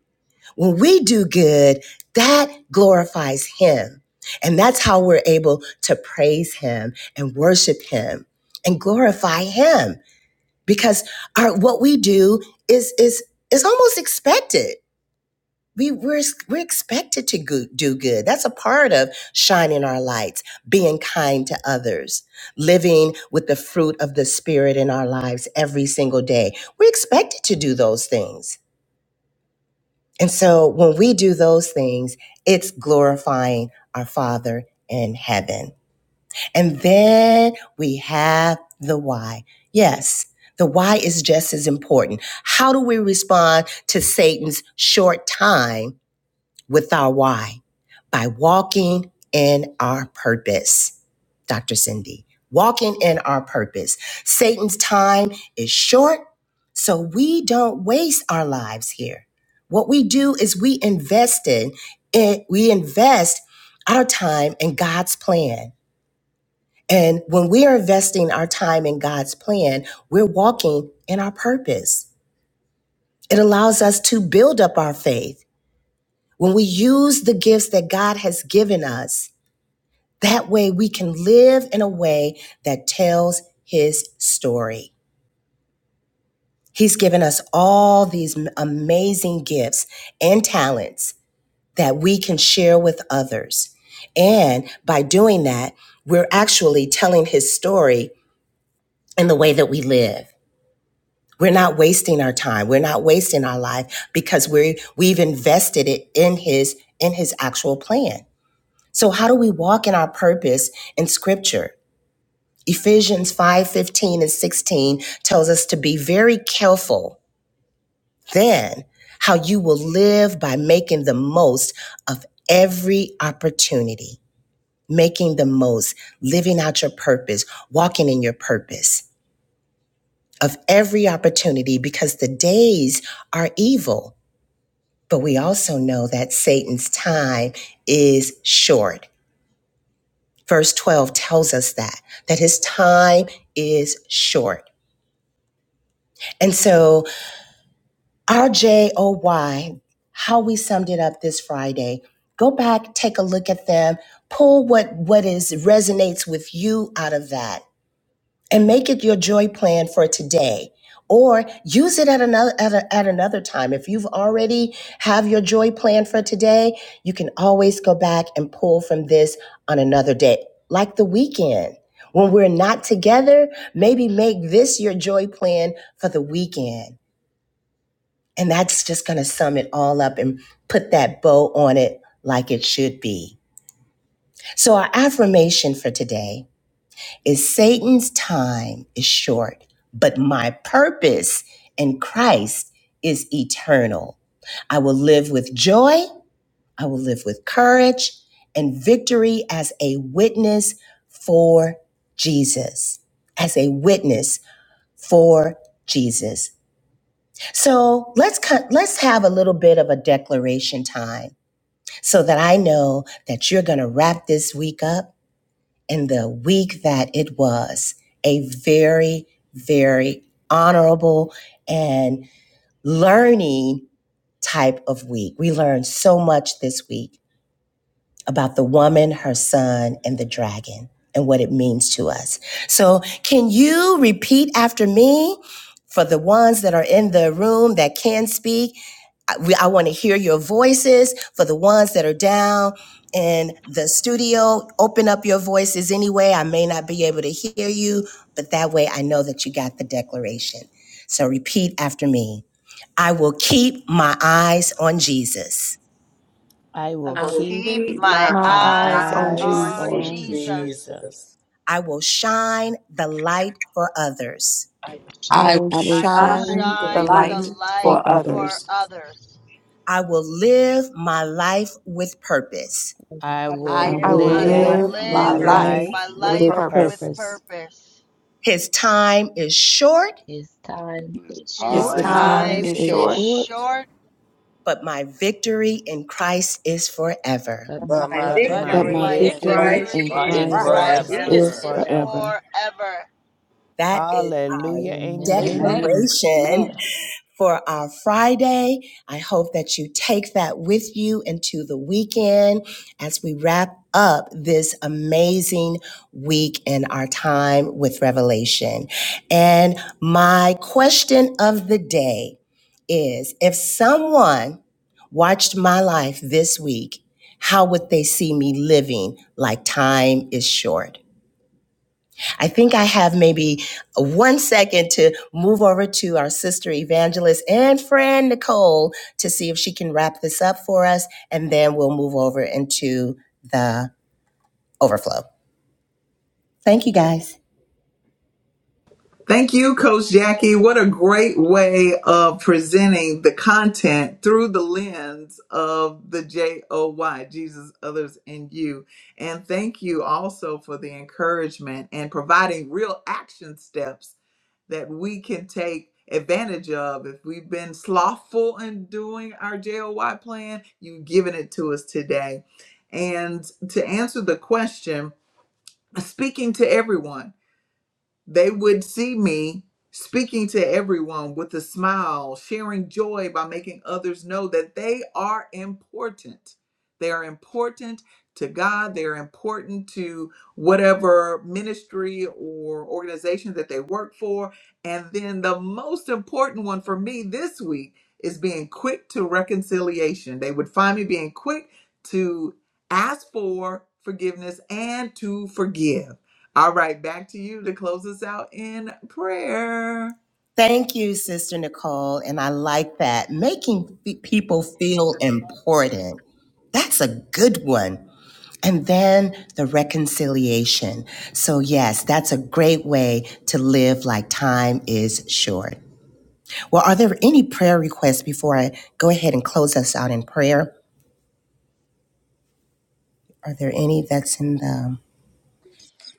Speaker 4: When we do good, that glorifies Him. And that's how we're able to praise Him and worship Him and glorify Him because our, what we do is, is, is almost expected we we're, we're expected to go, do good that's a part of shining our lights being kind to others living with the fruit of the spirit in our lives every single day we're expected to do those things and so when we do those things it's glorifying our father in heaven and then we have the why yes the why is just as important how do we respond to satan's short time with our why by walking in our purpose. Dr. Cindy, walking in our purpose. Satan's time is short, so we don't waste our lives here. What we do is we invest in it, we invest our time in God's plan. And when we are investing our time in God's plan, we're walking in our purpose. It allows us to build up our faith. When we use the gifts that God has given us, That way we can live in a way that tells his story. He's given us all these amazing gifts and talents that we can share with others. And by doing that, we're actually telling his story in the way that we live. We're not wasting our time. We're not wasting our life because we we've invested it in his in his actual plan. So how do we walk in our purpose in scripture? Ephesians 5 15 and 16 tells us to be very careful then how you will live by making the most of every opportunity, making the most, living out your purpose, walking in your purpose of every opportunity because the days are evil. But we also know that Satan's time is short. Verse 12 tells us that, that his time is short. And so RJOY, how we summed it up this Friday. Go back, take a look at them, pull what what is resonates with you out of that, and make it your joy plan for today. Or use it at another at, a, at another time. If you've already have your joy plan for today, you can always go back and pull from this on another day, like the weekend. When we're not together, maybe make this your joy plan for the weekend and that's just going to sum it all up and put that bow on it like it should be. So, our affirmation for today is Satan's time is short, but my purpose in Christ is eternal. I will live with joy, I will live with courage and victory as a witness for Jesus. As a witness for Jesus. So let's cut, let's have a little bit of a declaration time so that I know that you're going to wrap this week up in the week that it was a very, very honorable and learning type of week. We learned so much this week about the woman, her son, and the dragon and what it means to us. So, can you repeat after me for the ones that are in the room that can speak? I, we- I want to hear your voices for the ones that are down in the studio. Open up your voices anyway. I may not be able to hear you, but that way I know that you got the declaration. So, repeat after me I will keep my eyes on Jesus.
Speaker 5: I
Speaker 6: I
Speaker 5: will
Speaker 3: I
Speaker 6: will
Speaker 3: will
Speaker 5: keep
Speaker 6: keep
Speaker 3: keep
Speaker 6: my
Speaker 3: my
Speaker 2: My
Speaker 5: my
Speaker 2: eyes,
Speaker 6: eyes
Speaker 7: I
Speaker 3: eyes
Speaker 5: eyes
Speaker 3: on
Speaker 6: on
Speaker 7: want
Speaker 8: in
Speaker 5: on
Speaker 7: you
Speaker 3: Jesus.
Speaker 6: Jesus.
Speaker 5: Jesus.
Speaker 8: Jesus.
Speaker 4: I will shine the light for others.
Speaker 9: I will
Speaker 2: I
Speaker 10: I
Speaker 9: remember
Speaker 2: will
Speaker 11: I will
Speaker 6: I
Speaker 10: will
Speaker 6: will
Speaker 2: shine
Speaker 11: shine
Speaker 10: shine
Speaker 11: the
Speaker 9: for the
Speaker 10: the
Speaker 2: the
Speaker 9: poor.
Speaker 6: shine the
Speaker 10: light
Speaker 2: light
Speaker 11: light for
Speaker 6: light
Speaker 2: for
Speaker 10: for others.
Speaker 6: for
Speaker 2: others.
Speaker 11: others.
Speaker 6: others.
Speaker 4: I will live my life with purpose.
Speaker 9: I will
Speaker 5: I
Speaker 3: I will
Speaker 9: live
Speaker 5: will
Speaker 10: I
Speaker 11: I
Speaker 7: to
Speaker 3: live
Speaker 2: I
Speaker 10: will
Speaker 11: will
Speaker 2: will
Speaker 3: my
Speaker 9: my
Speaker 6: I
Speaker 9: life
Speaker 6: will
Speaker 10: live
Speaker 7: move
Speaker 3: life
Speaker 5: live
Speaker 2: live
Speaker 11: live
Speaker 7: my
Speaker 10: my
Speaker 2: my
Speaker 11: my
Speaker 6: live
Speaker 5: my
Speaker 3: with
Speaker 9: with
Speaker 10: life
Speaker 3: purpose.
Speaker 2: life
Speaker 11: life
Speaker 5: life
Speaker 6: my
Speaker 9: purpose.
Speaker 10: with
Speaker 5: with
Speaker 2: with
Speaker 6: life
Speaker 11: with
Speaker 7: life
Speaker 10: purpose.
Speaker 6: with
Speaker 2: purpose.
Speaker 5: purpose.
Speaker 11: purpose.
Speaker 6: purpose.
Speaker 4: His time is short,
Speaker 9: His time
Speaker 7: is
Speaker 9: is
Speaker 5: His
Speaker 10: Its
Speaker 2: His
Speaker 6: His
Speaker 9: short,
Speaker 11: This
Speaker 7: high
Speaker 5: time
Speaker 10: time
Speaker 2: time
Speaker 7: in
Speaker 6: time
Speaker 11: time
Speaker 5: is
Speaker 2: is
Speaker 10: is
Speaker 11: is
Speaker 6: is
Speaker 7: your
Speaker 2: short
Speaker 5: short,
Speaker 10: short,
Speaker 11: short,
Speaker 6: short,
Speaker 4: but my victory in Christ is forever.
Speaker 9: but
Speaker 3: That
Speaker 9: my
Speaker 8: But
Speaker 3: my
Speaker 8: my
Speaker 5: but
Speaker 10: but
Speaker 9: victory
Speaker 6: but
Speaker 10: my
Speaker 5: my
Speaker 11: but
Speaker 9: in
Speaker 8: victory
Speaker 11: my
Speaker 3: victory
Speaker 6: my
Speaker 9: Christ
Speaker 3: in
Speaker 10: victory
Speaker 8: in
Speaker 11: victory
Speaker 5: victory
Speaker 8: Christ
Speaker 3: Christ
Speaker 11: in
Speaker 10: in
Speaker 6: victory
Speaker 7: right.
Speaker 9: is
Speaker 6: in
Speaker 3: is
Speaker 5: in
Speaker 8: is
Speaker 11: Christ
Speaker 10: Christ
Speaker 9: forever.
Speaker 6: Christ
Speaker 5: Christ
Speaker 8: forever.
Speaker 5: is
Speaker 10: is
Speaker 11: is
Speaker 3: forever.
Speaker 6: is
Speaker 10: forever.
Speaker 5: forever.
Speaker 11: forever.
Speaker 6: forever.
Speaker 4: That is our
Speaker 5: Hallelujah. Amen.
Speaker 9: Amen.
Speaker 10: Amen.
Speaker 11: Amen.
Speaker 4: declaration
Speaker 10: Amen.
Speaker 4: for our Friday. I hope that you take that with you into the weekend as we wrap up this amazing week in our time with Revelation. And my question of the day is if someone watched my life this week, how would they see me living like time is short? I think I have maybe one second to move over to our sister evangelist and friend Nicole to see if she can wrap this up for us, and then we'll move over into the overflow. Thank you, guys.
Speaker 1: Thank you, Coach Jackie. What a great way of presenting the content through the lens of the J O Y, Jesus, others, and you. And thank you also for the encouragement and providing real action steps that we can take advantage of. If we've been slothful in doing our JOY plan, you've given it to us today. And to answer the question, speaking to everyone, they would see me speaking to everyone with a smile, sharing joy by making others know that they are important. They are important to God, they're important to whatever ministry or organization that they work for. And then the most important one for me this week is being quick to reconciliation. They would find me being quick to ask for forgiveness and to forgive all right, back to you to close us out in prayer.
Speaker 4: Thank you, Sister Nicole. And I like that. Making fe- people feel important. That's a good one. And then the reconciliation. So, yes, that's a great way to live like time is short. Well, are there any prayer requests before I go ahead and close us out in prayer? Are there any that's in the?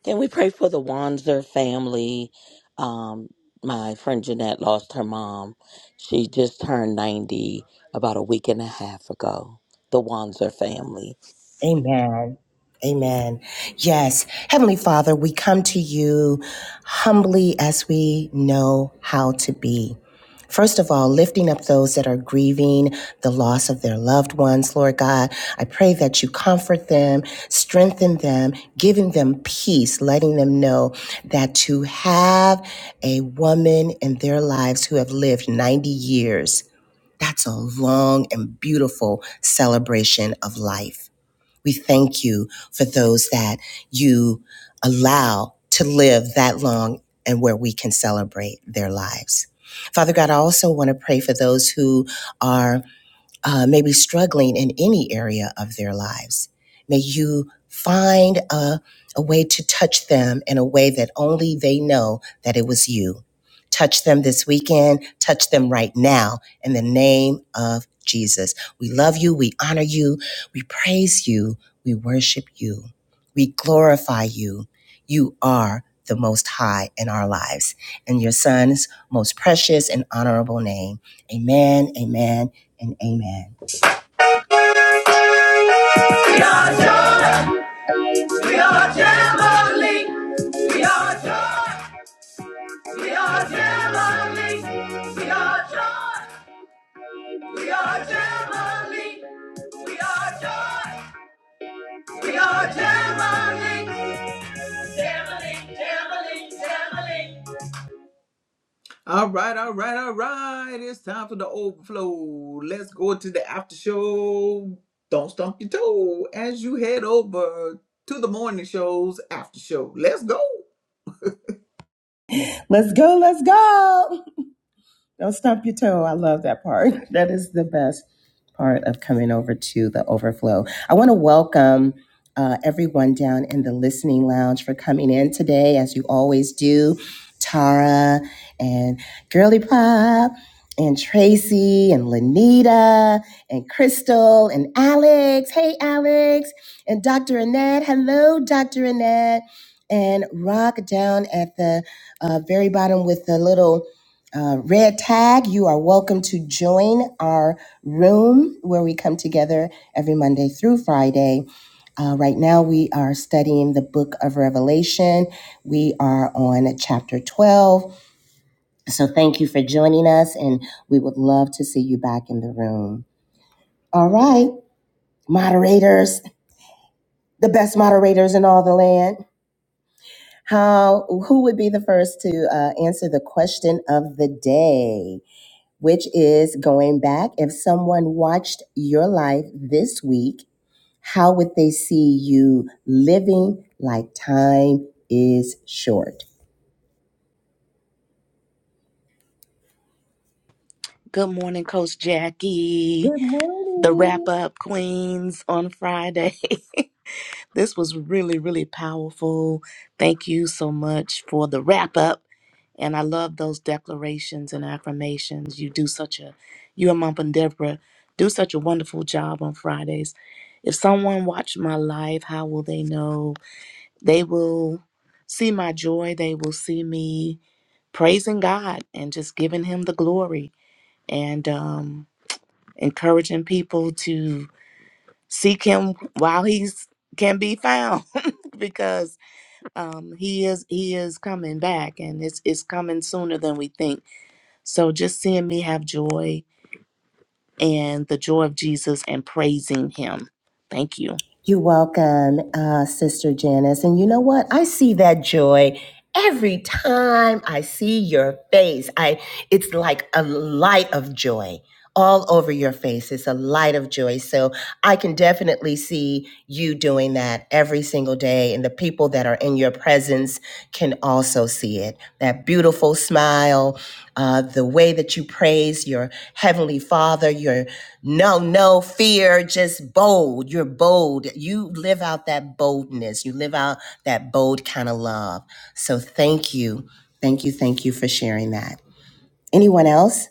Speaker 8: Can we pray for the Wanzer family? Um, my friend Jeanette lost her mom. She just turned 90 about a week and a half ago. The Wanzer family.
Speaker 4: Amen. Amen. Yes. Heavenly Father, we come to you humbly as we know how to be. First of all, lifting up those that are grieving the loss of their loved ones, Lord God, I pray that you comfort them, strengthen them, giving them peace, letting them know that to have a woman in their lives who have lived 90 years, that's a long and beautiful celebration of life. We thank you for those that you allow to live that long and where we can celebrate their lives. Father God, I also want to pray for those who are uh, may be struggling in any area of their lives. May you find a, a way to touch them in a way that only they know that it was you. Touch them this weekend, touch them right now in the name of Jesus. We love you, we honor you, we praise you, we worship you, we glorify you. You are the most high in our lives. In your son's most precious and honorable name. Amen, amen, and amen.
Speaker 1: We are joy. We are Jamboree. We are joy. We are Jamboree. We are joy. We are Jamboree. We are joy. We are Jamboree. Jamboree, Jamboree, Jamboree. All right, all right, all right. It's time for the overflow. Let's go to the after show. Don't stump your toe as you head over to the morning show's after show. Let's go.
Speaker 4: Let's go, let's go. Don't stump your toe. I love that part. That is the best part of coming over to the overflow. I want to welcome uh, everyone down in the listening lounge for coming in today, as you always do. Tara and Girly Pop and Tracy and Lanita and Crystal and Alex. Hey, Alex. And Dr. Annette. Hello, Dr. Annette. And Rock down at the uh, very bottom with the little uh, red tag, you are welcome to join our room where we come together every Monday through Friday. Uh, right now, we are studying the book of Revelation. We are on chapter 12. So, thank you for joining us, and we would love to see you back in the room. All right, moderators, the best moderators in all the land. How, who would be the first to uh, answer the question of the day? which is going back. If someone watched your life this week, how would they see you living like time is short?
Speaker 11: Good morning, Coach Jackie,
Speaker 4: Good
Speaker 11: the
Speaker 4: morning.
Speaker 11: wrap up queens on Friday. This was really, really powerful. Thank you so much for the wrap up. And I love those declarations and affirmations. You do such a, you and Mom and Deborah do such a wonderful job on Fridays. If someone watched my live, how will they know? They will see my joy. They will see me praising God and just giving Him the glory and um, encouraging people to seek Him while He's can be found because um, he is he is coming back and it's it's coming sooner than we think so just seeing me have joy and the joy of jesus and praising him thank you
Speaker 4: You're welcome, uh, Sister Janice. And you know what? I see that joy every time I see your face. I it's like a light of joy all over your face. It's a light of joy. So I can definitely see you doing that every single day. And the people that are in your presence can also see it. That beautiful smile, uh, the way that you praise your heavenly father, your no, no fear, just bold. You're bold. You live out that boldness. You live out that bold kind of love. So thank you. Thank you. Thank you for sharing that. Anyone else?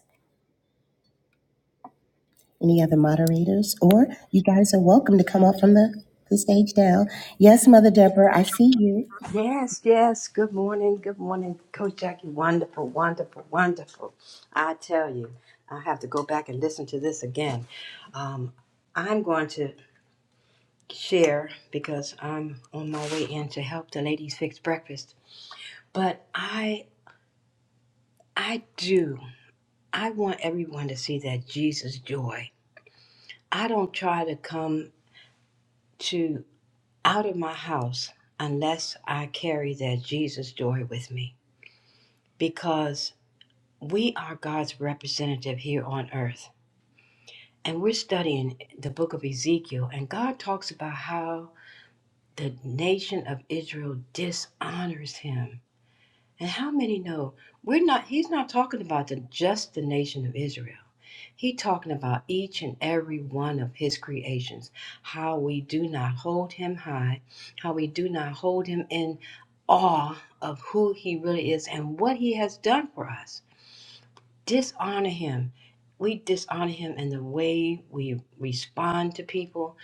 Speaker 4: Any other moderators? Or you guys are welcome to come up from the, the stage down. Yes, Mother Deborah, I see you.
Speaker 3: Yes, yes. Good morning. Good morning, Coach Jackie. Wonderful, wonderful, wonderful. I tell you, I have to go back and listen to this again. Um, I'm going to. share because I'm on my way in to help the ladies fix breakfast. But I I do. I want everyone to see that Jesus joy. I don't try to come to out of my house unless I carry that Jesus joy with me because we are God's representative here on earth. And we're studying the book of Ezekiel and God talks about how the nation of Israel dishonors him And how many know we're not he's not talking about the, just the nation of Israel. He's talking about each and every one of his creations, how we do not hold him high, how we do not hold him in awe of who he really is and what he has done for us. Dishonor him. We dishonor him in the way we respond to people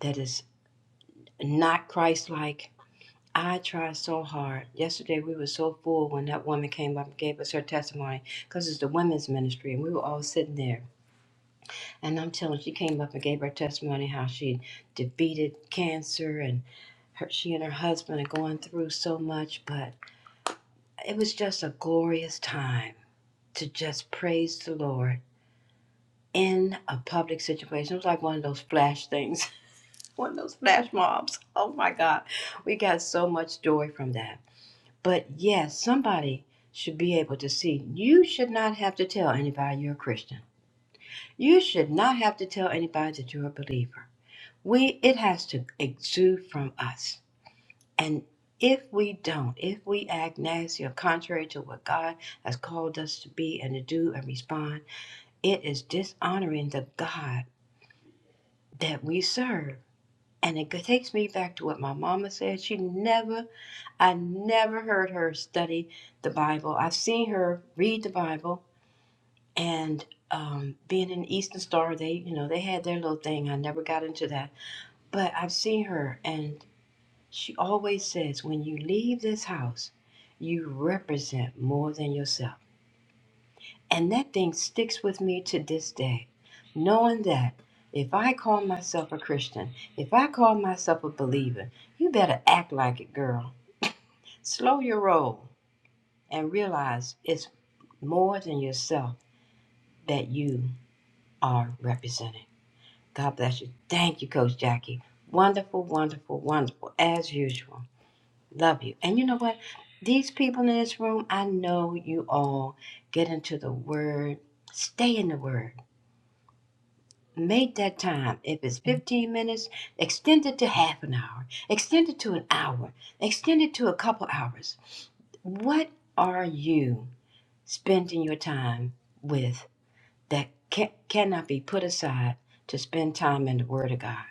Speaker 3: that is not Christ like I try so hard. Yesterday we were so full when that woman came up and gave us her testimony because it's the women's ministry and we were all sitting there. And I'm telling you, she came up and gave her testimony how she defeated cancer and her, she and her husband are going through so much, but it was just a glorious time to just praise the Lord in a public situation. It was like one of those flash things, one of those flash mobs. Oh my God. We got so much joy from that. But yes, somebody should be able to see. You should not have to tell anybody you're a Christian. You should not have to tell anybody that you're a believer. We it has to exude from us. And if we don't, if we act nasty or contrary to what God has called us to be and to do and respond, it is dishonoring the God that we serve. And it takes me back to what my mama said. She never I never heard her study the Bible. I've seen her read the Bible and um, being an Eastern Star, they, you know, they had their little thing. I never got into that. But I've seen her and she always says, when you leave this house, you represent more than yourself. And that thing sticks with me to this day, knowing that if I call myself a Christian, if I call myself a believer, you better act like it, girl. Slow your roll and realize it's more than yourself that you are representing. God bless you. Thank you, Coach Jackie. Wonderful, wonderful, wonderful, as usual. Love you. And you know what? These people in this room, I know you all get into the Word, stay in the Word. Make that time. If it's 15 minutes, extend it to half an hour, extend it to an hour, extend it to a couple hours. What are you spending your time with? that can, cannot be put aside to spend time in the Word of God,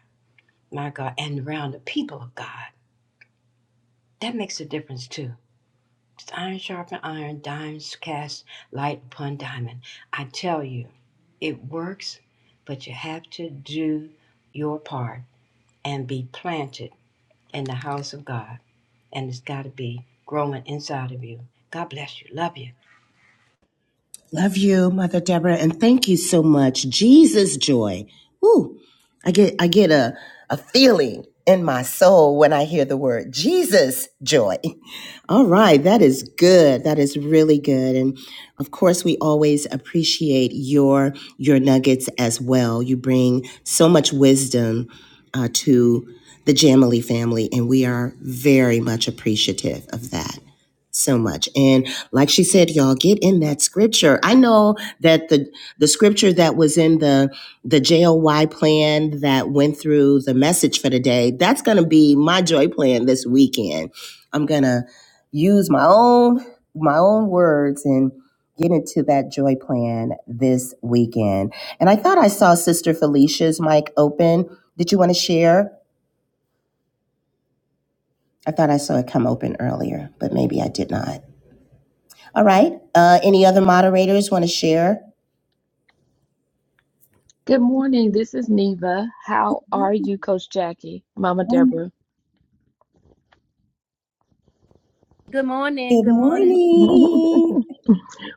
Speaker 3: my God, and around the people of God. That makes a difference too. It's iron sharpen iron, diamonds cast light upon diamond. I tell you, it works, but you have to do your part and be planted in the house of God. And it's got to be growing inside of you. God bless you. Love you.
Speaker 4: Love you, Mother Deborah, and thank you so much. Jesus joy. Ooh, I get I get a, a feeling in my soul when I hear the word Jesus joy. All right, that is good. That is really good. And of course, we always appreciate your your nuggets as well. You bring so much wisdom uh, to the Jamily family, and we are very much appreciative of that so much. And like she said, y'all get in that scripture. I know that the the scripture that was in the the JOY plan that went through the message for today, that's going to be my joy plan this weekend. I'm going to use my own my own words and get into that joy plan this weekend. And I thought I saw Sister Felicia's mic open. Did you want to share? I thought I saw it come open earlier, but maybe I did not. All right. Uh, any other moderators want to share?
Speaker 9: Good morning. This is Neva. How are you, Coach Jackie? Mama Deborah.
Speaker 3: Good morning.
Speaker 4: Good
Speaker 3: Good morning.
Speaker 4: morning.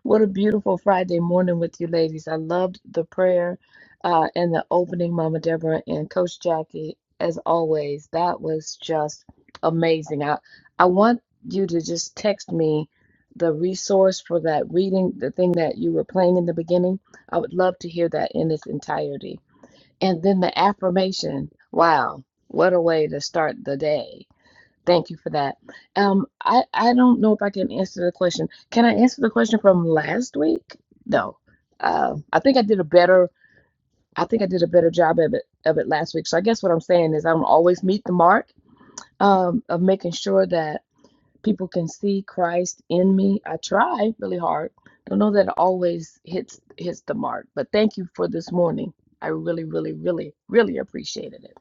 Speaker 9: What a beautiful Friday morning with you ladies. I loved the prayer uh, and the opening, Mama Deborah and Coach Jackie, as always. That was just amazing. I, I want you to just text me the resource for that reading, the thing that you were playing in the beginning. I would love to hear that in its entirety. And then the affirmation. Wow, what a way to start the day. Thank you for that. Um, I I don't know if I can answer the question. Can I answer the question from last week? No. Um, I think I did a better. I think I did a better job of it of it last week. So I guess what I'm saying is I'm always meet the mark um, of making sure that people can see Christ in me. I try really hard. Don't know that it always hits hits the mark, but thank you for this morning. I really, really, really, really appreciated it.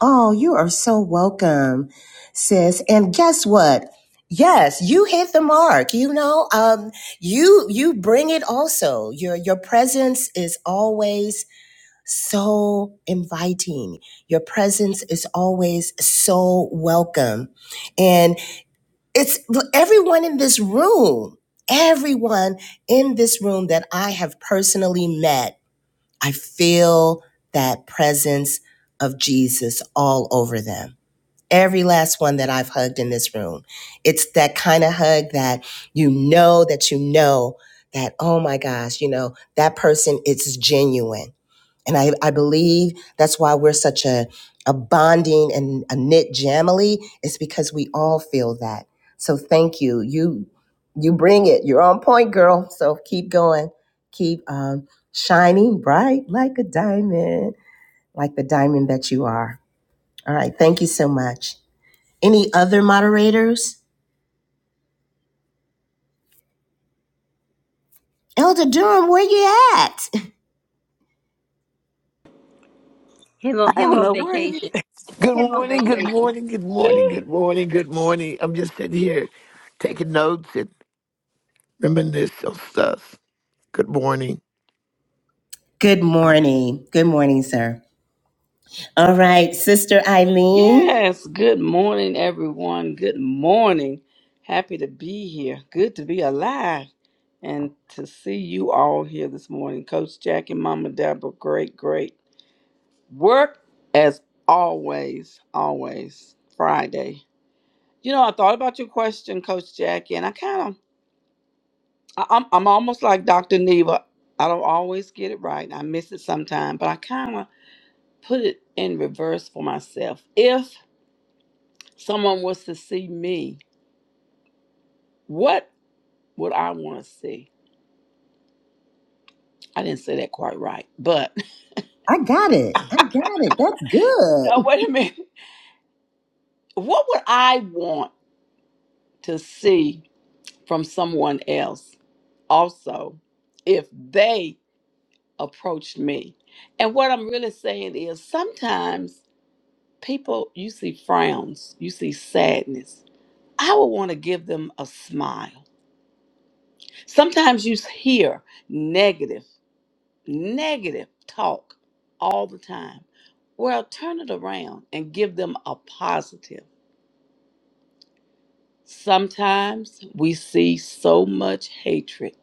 Speaker 4: Oh, you are so welcome, sis. And guess what? Yes, you hit the mark. You know, um, you you bring it. Also, your your presence is always so inviting. Your presence is always so welcome, and it's everyone in this room. Everyone in this room that I have personally met I feel that presence of Jesus all over them. Every last one that I've hugged in this room. It's that kind of hug that you know that you know that, oh my gosh, you know, that person, it's genuine and I, I believe that's why we're such a, a bonding and a knit jamily. It's because we all feel that. So thank you. You you bring it. You're on point, girl. So keep going. Keep um, shining bright like a diamond, like the diamond that you are. All right. Thank you so much. Any other moderators? Elder Durham, where you at?
Speaker 10: I don't know where he is.
Speaker 12: Good morning, good morning, good morning, good morning, good morning. I'm just sitting here taking notes and reminiscing on stuff. Good morning.
Speaker 4: Good morning. Good morning, sir. All right, Sister Eileen.
Speaker 10: Yes. Good morning, everyone. Good morning. Happy to be here. Good to be alive and to see you all here this morning. Coach Jack and Mama Deborah, great, great Work as always, always Friday. You know, I thought about your question, Coach Jackie, and I kind of, I- I'm, I'm almost like Dr. Neva. I don't always get it right. I miss it sometimes, but I kind of put it in reverse for myself. If someone was to see me, what would I want to see? I didn't say that quite right, but
Speaker 4: I got it. I got it. That's good.
Speaker 10: no, wait a minute. What would I want to see from someone else also if they approached me. And what I'm really saying is sometimes people, you see frowns, you see sadness. I would want to give them a smile. Sometimes you hear negative, negative talk all the time. Well, turn it around and give them a positive. Sometimes we see so much hatred,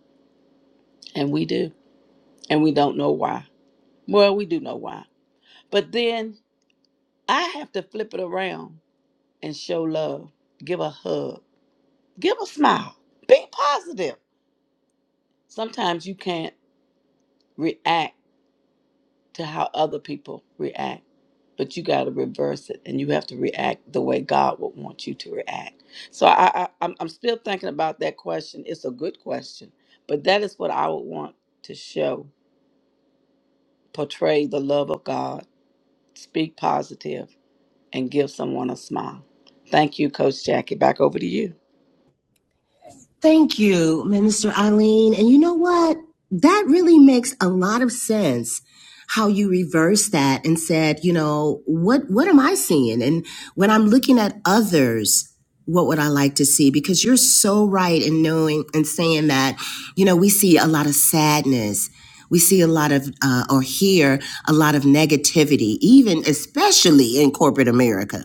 Speaker 10: and we do, and we don't know why. Well, we do know why. But then I have to flip it around and show love. Give a hug. Give a smile. Be positive. Sometimes you can't react to how other people react, but you got to reverse it and you have to react the way God would want you to react. So I, I, I'm, I'm still thinking about that question. It's a good question, but that is what I would want to show portray the love of God, speak positive, and give someone a smile. Thank you, Coach Jackie. Back over to you.
Speaker 4: Thank you, Minister Eileen. And you know what? That really makes a lot of sense how you reversed that and said, you know, what what am I seeing? And when I'm looking at others, what would I like to see? Because you're so right in knowing and saying that, you know, we see a lot of sadness. We see a lot of, uh, or hear a lot of negativity, even especially in corporate America.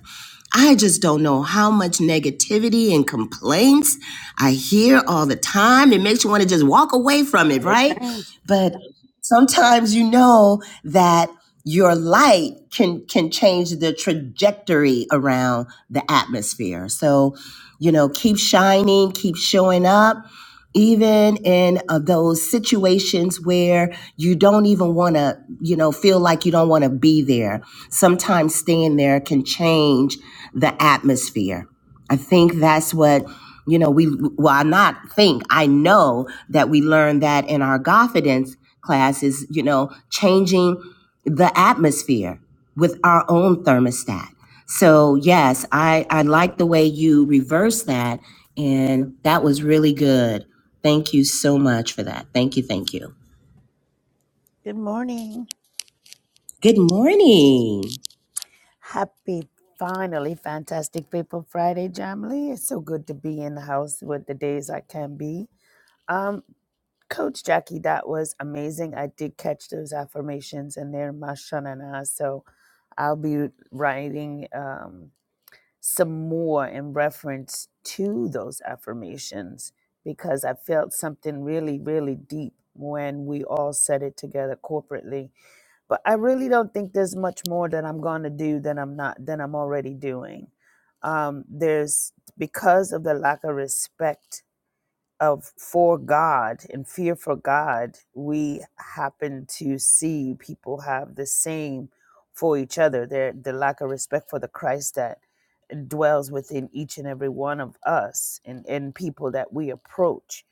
Speaker 4: I just don't know how much negativity and complaints I hear all the time. It makes you want to just walk away from it, right?
Speaker 10: Amen.
Speaker 4: But sometimes you know that your light can can change the trajectory around the atmosphere. So, you know, keep shining, keep showing up even in uh, those situations where you don't even want to, you know, feel like you don't want to be there. Sometimes staying there can change the atmosphere. I think that's what you know, we, well, I not think, I know that we learned that in our confidence classes, you know, changing the atmosphere with our own thermostat. So, yes, I, I like the way you reverse that. And that was really good. Thank you so much for that. Thank you. Thank you.
Speaker 5: Good morning.
Speaker 4: Good morning.
Speaker 5: Happy, finally, Fantastic People Friday, Jamily. It's so good to be in the house with the days I can be. Um. Coach Jackie, that was amazing. I did catch those affirmations and they're mashanana. So I'll be writing um, some more in reference to those affirmations because I felt something really, really deep when we all said it together corporately. But I really don't think there's much more that I'm going to do than I'm not than I'm already doing. Um, there's because of the lack of respect of for God and fear for God, we happen to see people have the same for each other. Their the lack of respect for the Christ that dwells within each and every one of us and, and people that we approach.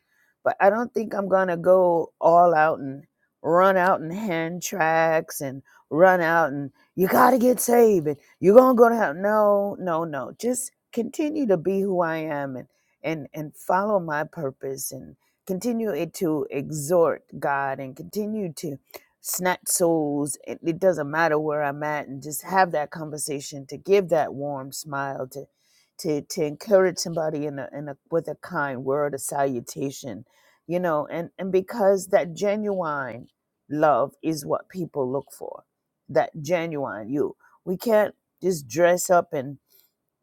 Speaker 5: But I don't think I'm gonna go all out and run out and hand tracks and run out and you gotta get saved and you're gonna go to hell. No, no, no. Just continue to be who I am and and and follow my purpose and continue to exhort God and continue to snatch souls. It, it doesn't matter where I'm at, and just have that conversation to give that warm smile to to to encourage somebody in a in a with a kind word, a salutation, you know, and and because that genuine love is what people look for, that genuine you. We can't just dress up and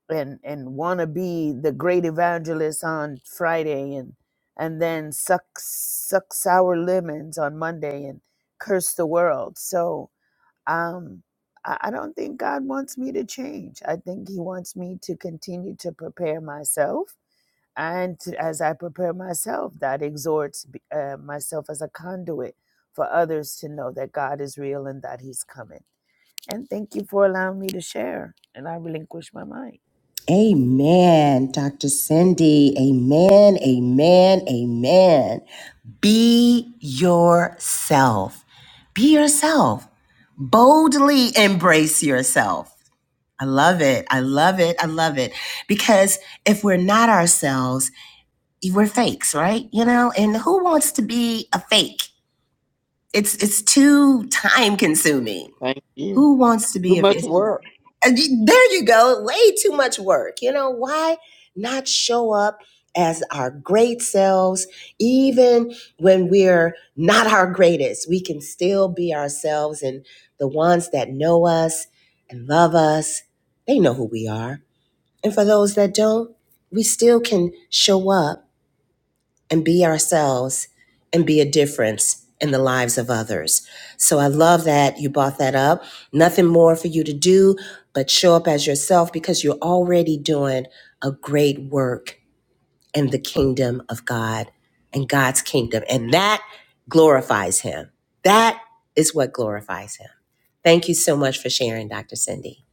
Speaker 5: and and want to be the great evangelist on Friday and and then suck suck sour lemons on Monday and curse the world. So um I, I don't think God wants me to change. I think he wants me to continue to prepare myself. And to- as I prepare myself, that exhorts uh, myself as a conduit for others to know that God is real and that he's coming. And thank you for allowing me to share. And I relinquish my mic.
Speaker 4: Amen, Dr. Cindy. Amen, amen, amen. Be yourself. Be yourself. Boldly embrace yourself. I love it. I love it. I love it. Because if we're not ourselves, we're fakes, right? You know, and who wants to be a fake? It's it's too time consuming.
Speaker 10: Thank you.
Speaker 4: Who wants to
Speaker 10: Too
Speaker 4: be a
Speaker 10: much
Speaker 4: fake?
Speaker 10: work.
Speaker 4: And you- There you go. Way too much work. You know, why not show up as our great selves? Even when we're not our greatest, we can still be ourselves. And the ones that know us and love us, they know who we are. And for those that don't, we still can show up and be ourselves and be a difference in the lives of others. So I love that you brought that up. Nothing more for you to do but show up as yourself because you're already doing a great work in the kingdom of God and God's kingdom. And that glorifies Him. That is what glorifies Him. Thank you so much for sharing, Dr. Cindy.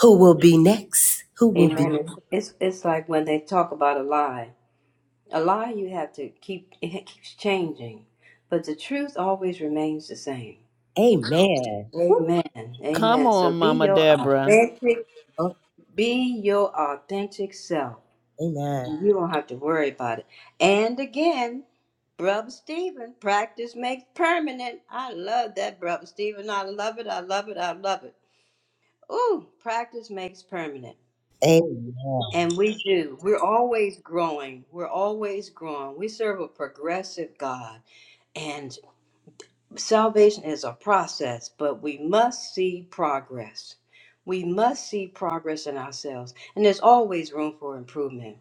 Speaker 4: Who will be next? Who will be?
Speaker 3: Amen. It's, it's it's like when they talk about a lie. A lie you have to keep it keeps changing, but the truth always remains the same.
Speaker 4: Amen. Woo.
Speaker 3: Amen.
Speaker 5: Come
Speaker 3: Amen. So
Speaker 5: on,
Speaker 3: be
Speaker 5: Mama
Speaker 3: your
Speaker 5: Deborah.
Speaker 3: authentic,
Speaker 4: Oh,
Speaker 3: be your authentic self.
Speaker 4: amen.
Speaker 3: and You don't have to worry about it. And again, Brother Stephen, practice makes permanent. I love that, Brother Stephen. I love it. I love it. I love it. Ooh, practice makes permanent.
Speaker 4: Amen.
Speaker 3: And we do. We're always growing. We're always growing. We serve a progressive God. and. Salvation is a process, but we must see progress. We must see progress in ourselves. And there's always room for improvement.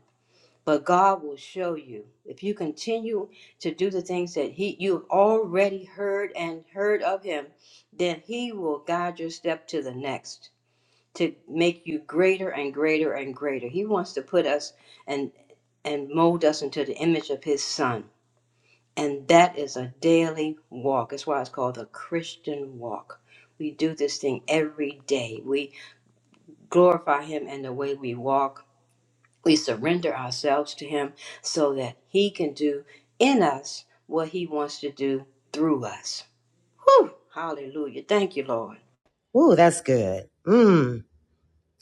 Speaker 3: But God will show you. If you continue to do the things that He you've already heard and heard of Him, then He will guide your step to the next to make you greater and greater and greater. He wants to put us and and mold us into the image of His Son. And that is a daily walk. That's why it's called the Christian walk. We do this thing every day. We glorify Him in the way we walk. We surrender ourselves to Him so that He can do in us what He wants to do through us. Whew! Hallelujah. Thank you, Lord.
Speaker 4: Ooh, that's good. Mm.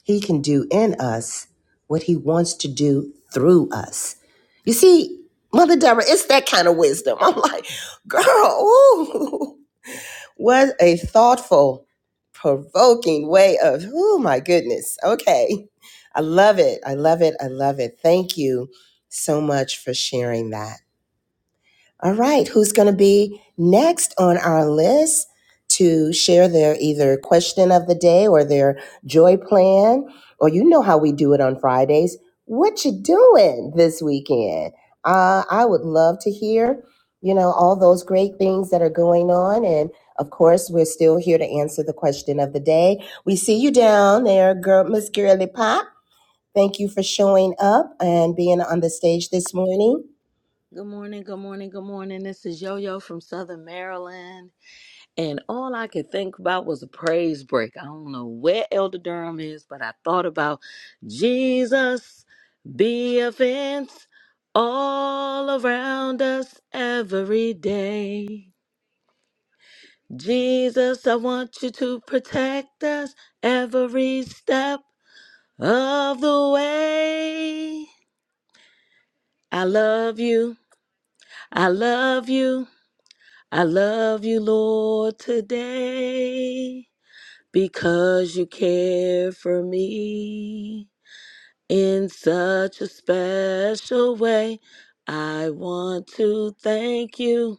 Speaker 4: He can do in us what he wants to do through us. You see, Mother Deborah, it's that kind of wisdom. I'm like, girl, ooh, what a thoughtful, provoking way of, oh my goodness. Okay. I love it. I love it. I love it. Thank you so much for sharing that. All right, who's going to be next on our list to share their either question of the day or their joy plan? Or you know how we do it on Fridays. What you doing this weekend? Uh, I would love to hear, you know, all those great things that are going on. And of course, we're still here to answer the question of the day. We see you down there, girl, Miss Girly Pop. Thank you for showing up and being on the stage this morning.
Speaker 8: Good morning, good morning, good morning. This is Yo Yo from Southern Maryland. And all I could think about was a praise break. I don't know where Elder Durham is, but I thought about Jesus be a fence all around us every day. Jesus, I want you to protect us every step of the way. I love you. I love you. I love you, Lord, today. because you care for me in such a special way. I want to thank you,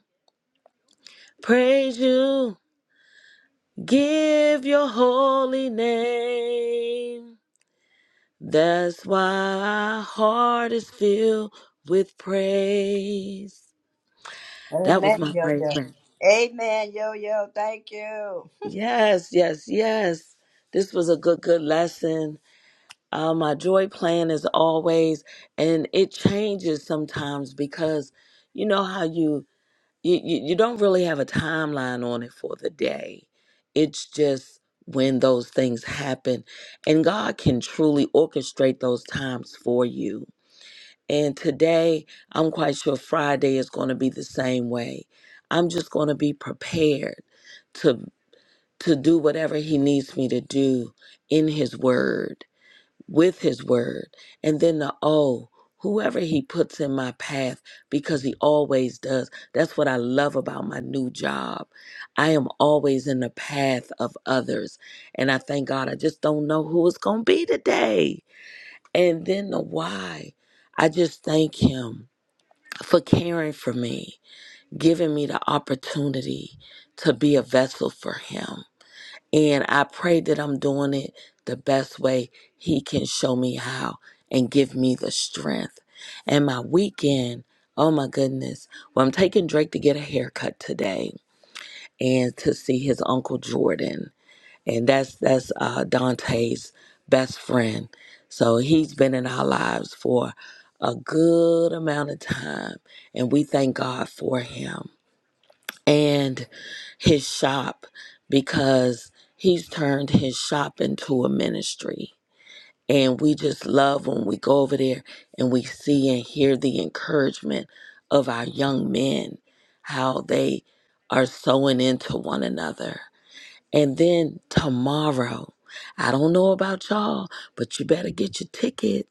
Speaker 8: praise you, give your holy name. That's why our heart is filled with praise. That was
Speaker 3: Amen,
Speaker 8: my
Speaker 3: yo yo.
Speaker 8: praise, man.
Speaker 3: Amen, yo yo. Thank you.
Speaker 8: Yes, yes, yes. This was a good, good lesson. Uh, my joy plan is always, and it changes sometimes because you know how you, you you you don't really have a timeline on it for the day. It's just when those things happen, and God can truly orchestrate those times for you. And today, I'm quite sure Friday is going to be the same way. I'm just going to be prepared to to do whatever He needs me to do in His Word with his word. And then the oh, whoever he puts in my path, because he always does. That's what I love about my new job. I am always in the path of others. And I thank God I just don't know who it's going to be today. And then the why. I just thank him for caring for me, giving me the opportunity to be a vessel for him. And I pray that I'm doing it the best way He can show me how and give me the strength. And my weekend, oh my goodness. Well, I'm taking Drake to get a haircut today and to see his uncle Jordan. And that's that's uh, Dante's best friend. So he's been in our lives for a good amount of time. And we thank God for him. And his shop because he's turned his shop into a ministry. And we just love when we go over there and we see and hear the encouragement of our young men, how they are sewing into one another. And then tomorrow, I don't know about y'all, but you better get your ticket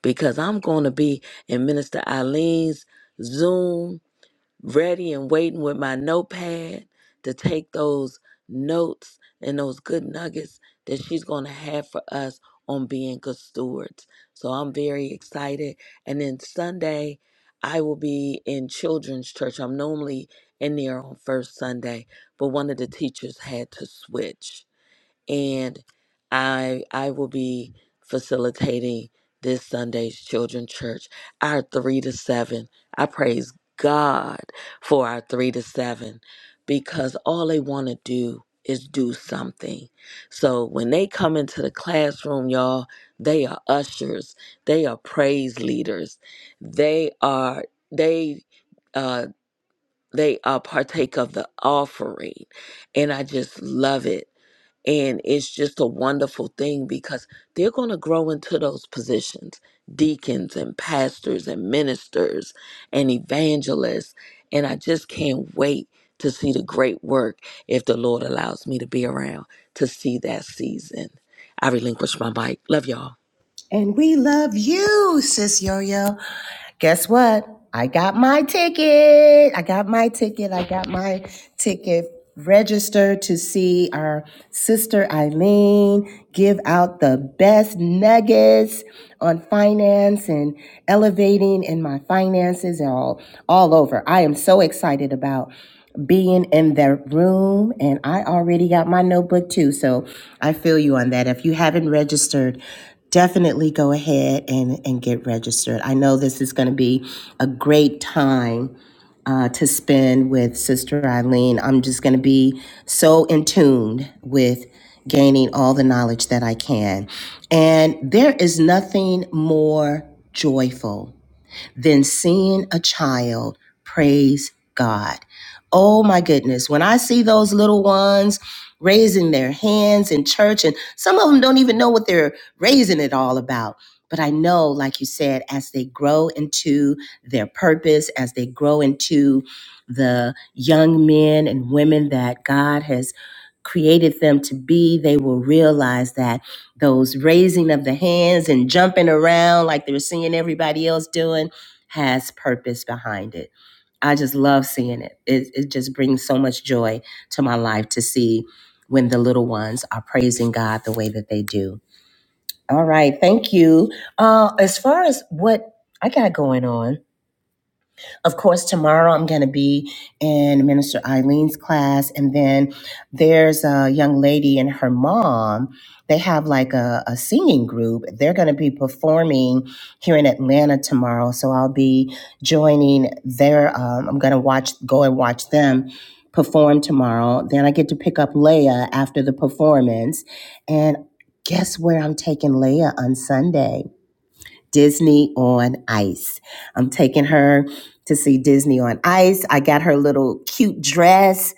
Speaker 8: because I'm going to be in Minister Eileen's Zoom ready and waiting with my notepad to take those notes and those good nuggets that she's going to have for us on being good stewards. So I'm very excited. And then Sunday, I will be in children's church. I'm normally in there on first Sunday, but one of the teachers had to switch and I I will be facilitating this Sunday's children church. Our three to seven. I praise God for our three to seven because all they want to do is do something. So when they come into the classroom, y'all, they are ushers, they are praise leaders, they are they uh they are partake of the offering. And I just love it. And it's just a wonderful thing because they're going to grow into those positions deacons and pastors and ministers and evangelists. And I just can't wait to see the great work if the Lord allows me to be around to see that season. I relinquish my mic. Love y'all.
Speaker 4: And we love you, Sis Yo Yo. Guess what? I got my ticket. I got my ticket. I got my ticket registered to see our sister Eileen give out the best nuggets on finance and elevating in my finances and all all over. I am so excited about being in the room and I already got my notebook too. So I feel you on that. If you haven't registered, definitely go ahead and, and get registered. I know this is going to be a great time uh, to spend with Sister Eileen. I'm just going to be so in tune with gaining all the knowledge that I can. And there is nothing more joyful than seeing a child praise God. Oh my goodness, when I see those little ones raising their hands in church, and some of them don't even know what they're raising it all about. But I know, like you said, as they grow into their purpose, as they grow into the young men and women that God has created them to be, they will realize that those raising of the hands and jumping around like they're seeing everybody else doing has purpose behind it. I just love seeing it. It, it just brings so much joy to my life to see when the little ones are praising God the way that they do. All right, thank you. Uh, as far as what I got going on, of course, tomorrow I'm going to be in Minister Eileen's class. And then there's a young lady and her mom. They have like a, a singing group. They're going to be performing here in Atlanta tomorrow. So I'll be joining their, um, I'm going to watch, go and watch them perform tomorrow. Then I get to pick up Leia after the performance. And guess where I'm taking Leia on Sunday? Disney on Ice. I'm taking her to see Disney on Ice. I got her little cute dress,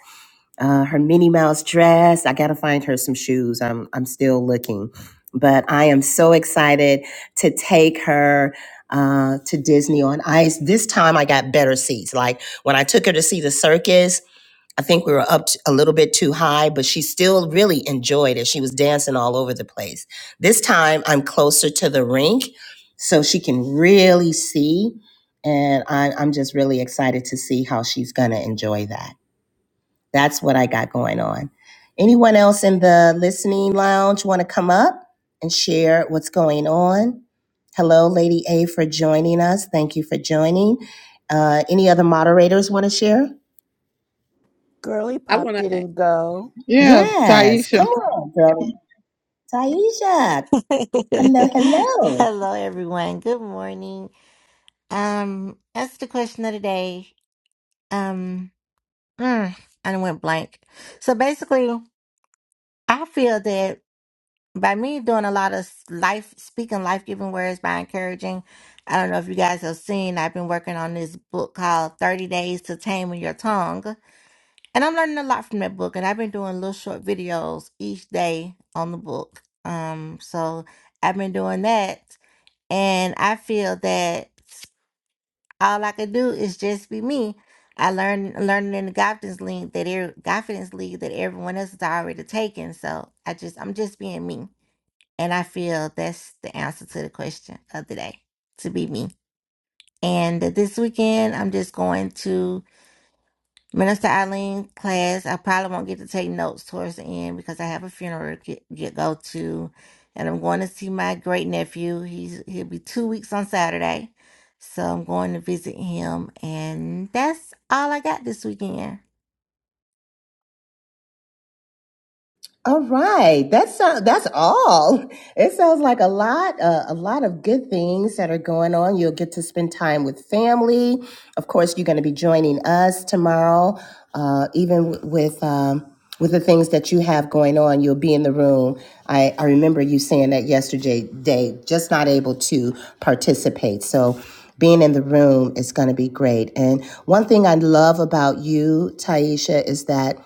Speaker 4: uh, her Minnie Mouse dress. I got to find her some shoes. I'm I'm still looking, but I am so excited to take her uh to Disney on Ice. This time I got better seats. Like when I took her to see the circus, I think we were up t- a little bit too high, but she still really enjoyed it. She was dancing all over the place. This time I'm closer to the rink so she can really see. And I, I'm just really excited to see how she's going to enjoy that. That's what I got going on. Anyone else in the listening lounge want to come up and share what's going on? Hello, Lady A, for joining us. Thank you for joining. Uh, any other moderators want to share?
Speaker 5: Girly
Speaker 10: I
Speaker 5: Pop
Speaker 10: want to.
Speaker 5: didn't go.
Speaker 4: Yes, come on, girl. Taisha. Hello, hello.
Speaker 13: Hello, everyone. Good morning. Um, that's the question of the day. Um, mm, I done went blank. So basically, I feel that by me doing a lot of life speaking, life giving words by encouraging. I don't know if you guys have seen. I've been working on this book called Thirty Days to Taming Your Tongue, and I'm learning a lot from that book. And I've been doing little short videos each day on the book. Um, so I've been doing that and I feel that all I could do is just be me. I learned learning in the confidence league that er, confidence league that everyone else is already taken. So I just I'm just being me, and I feel that's the answer to the question of the day: to be me. And this weekend, I'm just going to. Minister Eileen class, I probably won't get to take notes towards the end because I have a funeral to get, get go to, and I'm going to see my great nephew. He's he'll be two weeks on Saturday, so I'm going to visit him, and that's all I got this weekend.
Speaker 4: All right, that's uh, that's all. It sounds like a lot, uh, a lot of good things that are going on. You'll get to spend time with family. Of course, you're going to be joining us tomorrow. Uh, even w- with um, with the things that you have going on, you'll be in the room. I, I remember you saying that yesterday, Dave, just not able to participate. So being in the room is going to be great. And one thing I love about you, Taisha, is that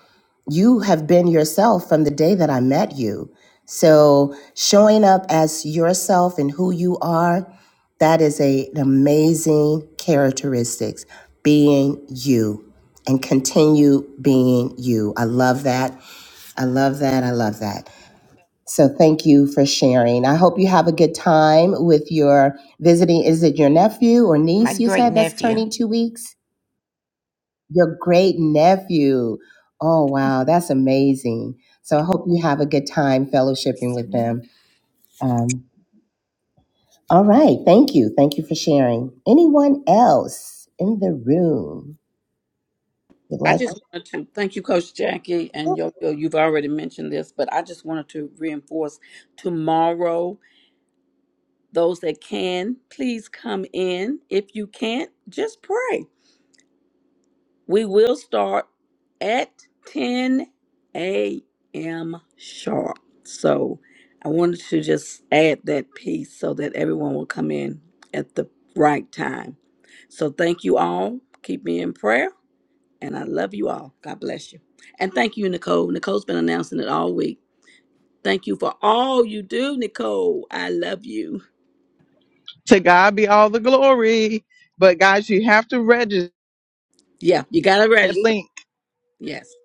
Speaker 4: you have been yourself from the day that I met you. So showing up as yourself and who you are, that is a, an amazing characteristics. Being you and continue being you. I love that. I love that. I love that. So thank you for sharing. I hope you have a good time with your visiting. Is it your nephew or
Speaker 13: My
Speaker 4: niece? You
Speaker 13: great
Speaker 4: said that's
Speaker 13: nephew.
Speaker 4: turning two weeks. Your great nephew. Oh, wow. That's amazing. So I hope you have a good time fellowshipping with them. Um, all right. Thank you. Thank you for sharing. Anyone else in the room would
Speaker 10: I
Speaker 4: like
Speaker 10: just wanted to thank you, Coach Jackie,
Speaker 4: to?
Speaker 10: and Yo Yo. You've already mentioned this, but I just wanted to reinforce tomorrow. Those that can, please come in. If you can't, just pray. We will start at 10 a.m. sharp. So I wanted to just add that piece so that everyone will come in at the right time. So thank you all. Keep me in prayer. And I love you all. God bless you. And thank you, Nicole. Nicole's been announcing it all week. Thank you for all you do, Nicole. I love you.
Speaker 1: To God be all the glory. But guys, you have to register
Speaker 10: Yeah, you got to
Speaker 1: that
Speaker 10: register.
Speaker 1: link,
Speaker 10: Yes.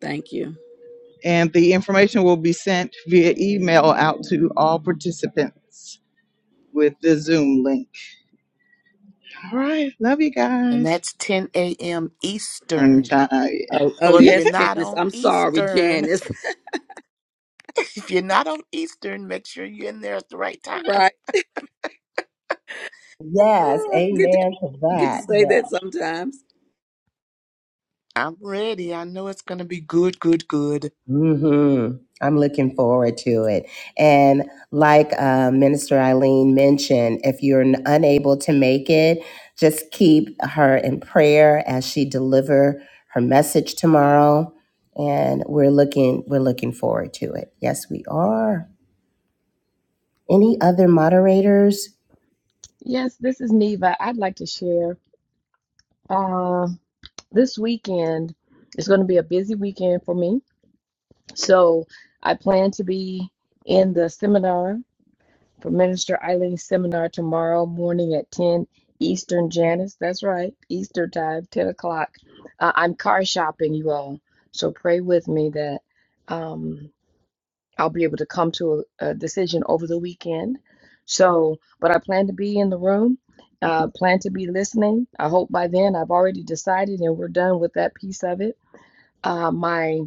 Speaker 10: Thank you.
Speaker 1: and the information will be sent via email out to all participants with the Zoom link. All right, love you
Speaker 11: and
Speaker 1: guys.
Speaker 11: that's 10 a.m
Speaker 1: Turn
Speaker 11: eastern
Speaker 1: time.
Speaker 10: Oh, oh
Speaker 11: so if you're
Speaker 10: yes,
Speaker 11: not
Speaker 10: Janice.
Speaker 11: on
Speaker 10: I'm sorry,
Speaker 11: eastern
Speaker 10: Janice.
Speaker 11: if you're not on eastern make sure you're in there at the right time
Speaker 10: Right.
Speaker 4: Yes.
Speaker 10: Oh, I forget to, I
Speaker 4: Amen to
Speaker 10: forget to
Speaker 4: that.
Speaker 10: say that sometimes.
Speaker 11: i'm ready i know it's gonna be good good good
Speaker 4: hmm I'm looking forward to it. And like uh, Minister Eileen mentioned, if you're n- unable to make it, just keep her in prayer as she deliver her message tomorrow. And we're looking we're looking forward to it. Yes, we are. Any other moderators?
Speaker 9: Yes, this is Neva. I'd like to share. Uh, this weekend is going to be a busy weekend for me. So I plan to be in the seminar for Minister Eileen's seminar tomorrow morning at 10 Eastern, Janice. That's right, Eastern time, 10 o'clock. Uh, I'm car shopping, you all. So pray with me that um, I'll be able to come to a, a decision over the weekend. So, but I plan to be in the room. Uh, plan to be listening. I hope by then I've already decided and we're done with that piece of it. Uh, my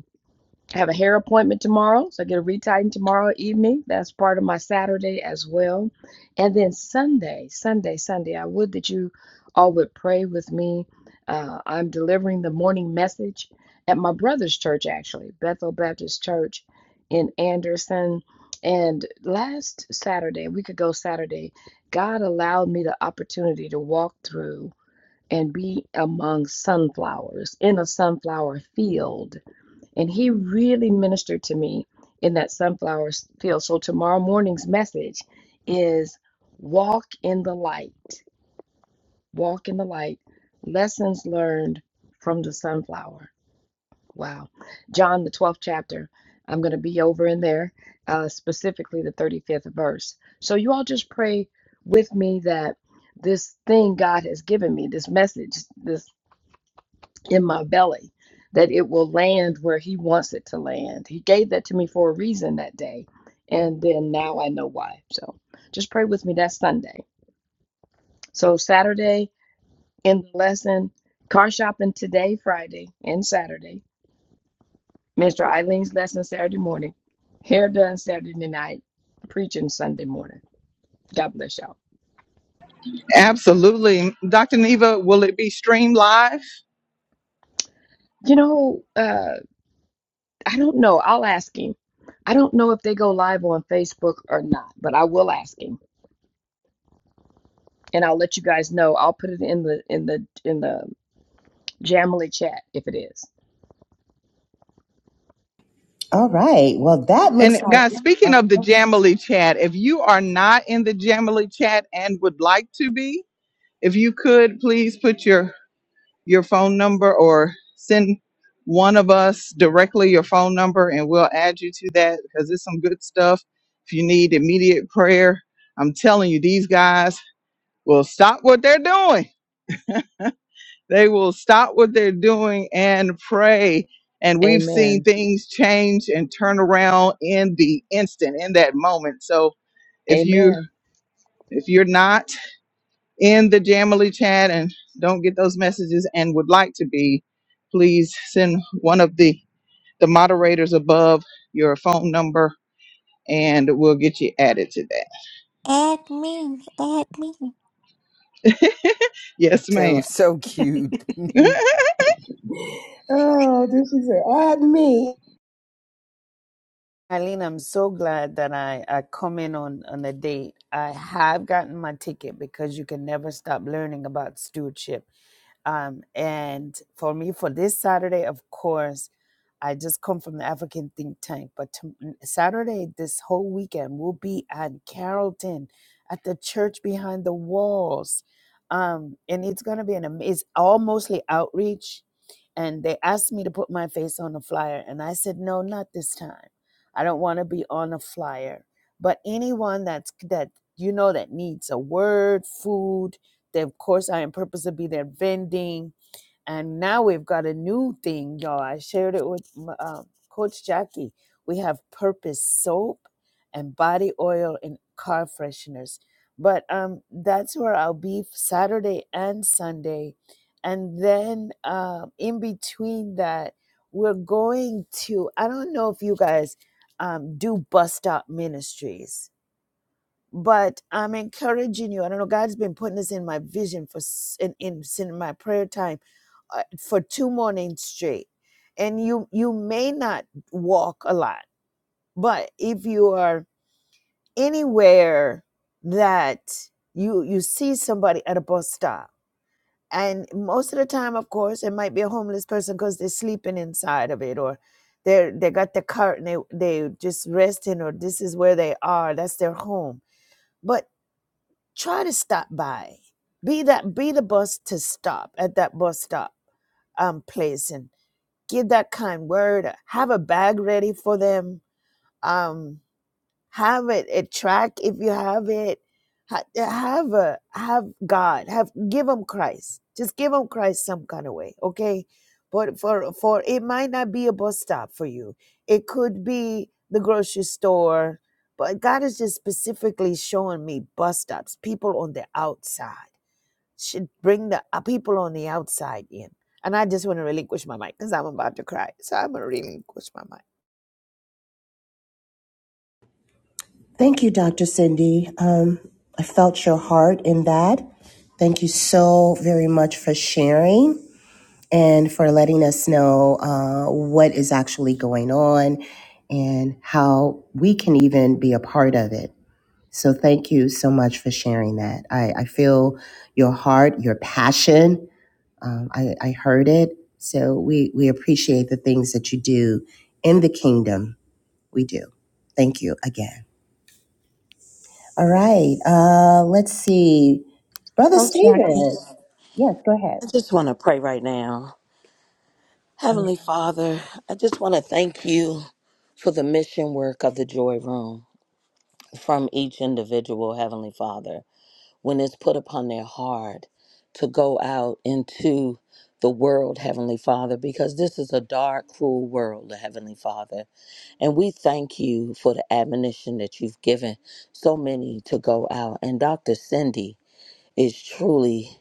Speaker 9: I have a hair appointment tomorrow, so I get a retighten tomorrow evening. That's part of my Saturday as well. And then Sunday, Sunday, Sunday, I would that you all would pray with me. Uh, I'm delivering the morning message at my brother's church, actually, Bethel Baptist Church in Anderson. And last Saturday, a week ago Saturday, God allowed me the opportunity to walk through and be among sunflowers in a sunflower field and he really ministered to me in that sunflower field. So tomorrow morning's message is walk in the light. Walk in the light. Lessons learned from the sunflower. Wow. John, the 12th chapter. I'm going to be over in there, uh, specifically the 35th verse. So you all just pray with me that this thing God has given me, this message, this in my belly that it will land where he wants it to land. He gave that to me for a reason that day. And then now I know why. So just pray with me. That's Sunday. So Saturday in the lesson, car shopping today, Friday and Saturday. Mr. Eileen's lesson Saturday morning. Hair done Saturday night. Preaching Sunday morning. God bless y'all.
Speaker 1: Absolutely. Dr. Neva, will it be streamed live?
Speaker 9: You know, uh, I don't know. I'll ask him. I don't know if they go live on Facebook or not, but I will ask him and I'll let you guys know. I'll put it in the in the in the Jamily chat if it is.
Speaker 4: All right. Well, that looks
Speaker 1: And
Speaker 4: like.
Speaker 1: guys, speaking
Speaker 4: Oh,
Speaker 1: of the
Speaker 4: Oh,
Speaker 1: Jamily chat, if you are not in the Jamily chat and would like to be, if you could please put your your phone number or send one of us directly your phone number and we'll add you to that because it's some good stuff. If you need immediate prayer, I'm telling you, these guys will stop what they're doing They will stop what they're doing and pray. And we've seen
Speaker 9: Amen.
Speaker 1: things change and turn around in the instant, in that moment. So if you
Speaker 9: Amen.
Speaker 1: if you're not in the Jamily chat and don't get those messages and would like to be, please send one of the the moderators above your phone number and we'll get you added to
Speaker 13: Add me, add me.
Speaker 1: that. yes,
Speaker 5: That
Speaker 1: ma'am.
Speaker 5: was so cute.
Speaker 4: oh, did she say, add me?
Speaker 5: Eileen, I'm so glad that I, I come in on, on the date. I have gotten my ticket because you can never stop learning about stewardship. Um, and for me, for this Saturday, of course, I just come from the African think tank. But to, Saturday, this whole weekend, we'll be at Carrollton at the church behind the walls. Um, and it's going to be an amazing, it's all mostly outreach. And they asked me to put my face on a flyer. And I said, no, not this time. I don't want to be on a flyer. But anyone that's that you know that needs a word, food, then, of course, I am purpose to be there vending. And now we've got a new thing, y'all. I shared it with uh, Coach Jackie. We have purpose soap and body oil and car fresheners. But um, that's where I'll be Saturday and Sunday. And then um, in between that, we're going to, I don't know if you guys um, do bus stop ministries but I'm encouraging you. I don't know. God's been putting this in my vision for s- in in, in my prayer time uh, for two mornings straight. And you you may not walk a lot, but if you are anywhere that you you see somebody at a bus stop, and most of the time, of course, it might be a homeless person because they're sleeping inside of it or. They're, they got the cart and they, they just resting or this is where they are that's their home but try to stop by be that be the bus to stop at that bus stop um, place and give that kind word have a bag ready for them Um have it a track if you have it ha- have a have god have give them christ just give them christ some kind of way okay but for for it might not be a bus stop for you it could be the grocery store but god is just specifically showing me bus stops people on the outside should bring the uh, people on the outside in and i just want to relinquish my mic because i'm about to cry so i'm going to relinquish my mic
Speaker 4: Thank you, Dr. Cindy. Um, I felt your heart in that. Thank you so very much for sharing and for letting us know uh, what is actually going on and how we can even be a part of it. So, thank you so much for sharing that. I, I feel your heart, your passion. Um, I, I heard it. So, we, we appreciate the things that you do in the kingdom. We do. Thank you again. All right. Uh, let's see. Brother
Speaker 8: Coach Jackie.
Speaker 4: Stephen. Yes, go ahead.
Speaker 8: I just want to pray right now.
Speaker 4: Um,
Speaker 8: Heavenly Father, I just want to thank you for the mission work of the Joy Room from each individual, Heavenly Father. when it's put upon their heart to go out into the world, Heavenly Father, because this is a dark, cruel world, Heavenly Father. And we thank you for the admonition that you've given so many to go out. And Dr. Cindy is truly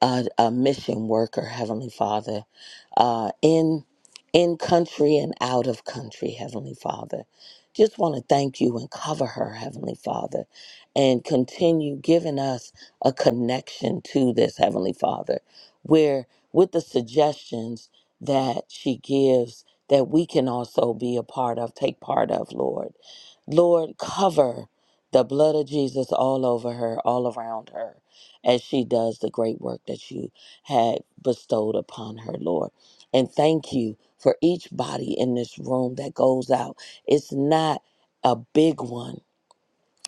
Speaker 8: a, a mission worker, Heavenly Father, uh, in in country and out of country, Heavenly Father. Just want to thank you and cover her, Heavenly Father, and continue giving us a connection to this, Heavenly Father, where with the suggestions that she gives that we can also be a part of, take part of, Lord. Lord, cover the blood of Jesus all over her, all around her as she does the great work that you had bestowed upon her, Lord. And thank you for each body in this room that goes out. It's not a big one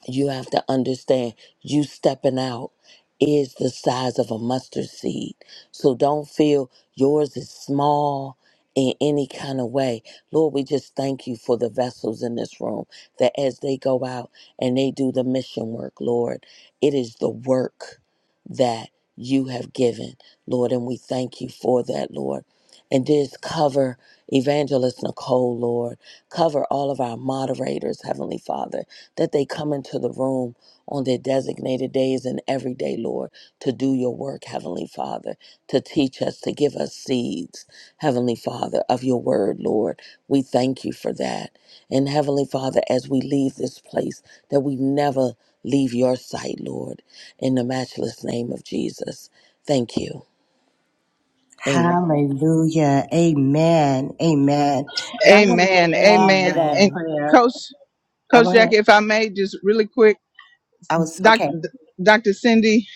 Speaker 8: you have to understand you stepping out is the size of a mustard seed. So don't feel yours is small in any kind of way. Lord, we just thank you for the vessels in this room that as they go out and they do the mission work, Lord, it is the work that you have given, Lord, and we thank you for that, Lord. And just cover Evangelist Nicole, Lord. Cover all of our moderators, Heavenly Father that they come into the room on their designated days and every day, Lord, to do your work, Heavenly Father, to teach us, to give us seeds, Heavenly Father, of your word, Lord. We thank you for that. And Heavenly Father, as we leave this place, that we never leave your sight, Lord, in the matchless name of Jesus. Thank you. Amen.
Speaker 4: hallelujah. Amen. Amen. And I want to just
Speaker 1: amen.
Speaker 4: add to
Speaker 1: Amen.
Speaker 4: that
Speaker 1: And
Speaker 5: Amen.
Speaker 4: prayer.
Speaker 1: coach
Speaker 4: I
Speaker 1: Coach
Speaker 4: want
Speaker 1: Jackie,
Speaker 4: to,
Speaker 1: if I may just really quick
Speaker 4: I was,
Speaker 1: Doc,
Speaker 4: okay.
Speaker 1: Dr. Cindy,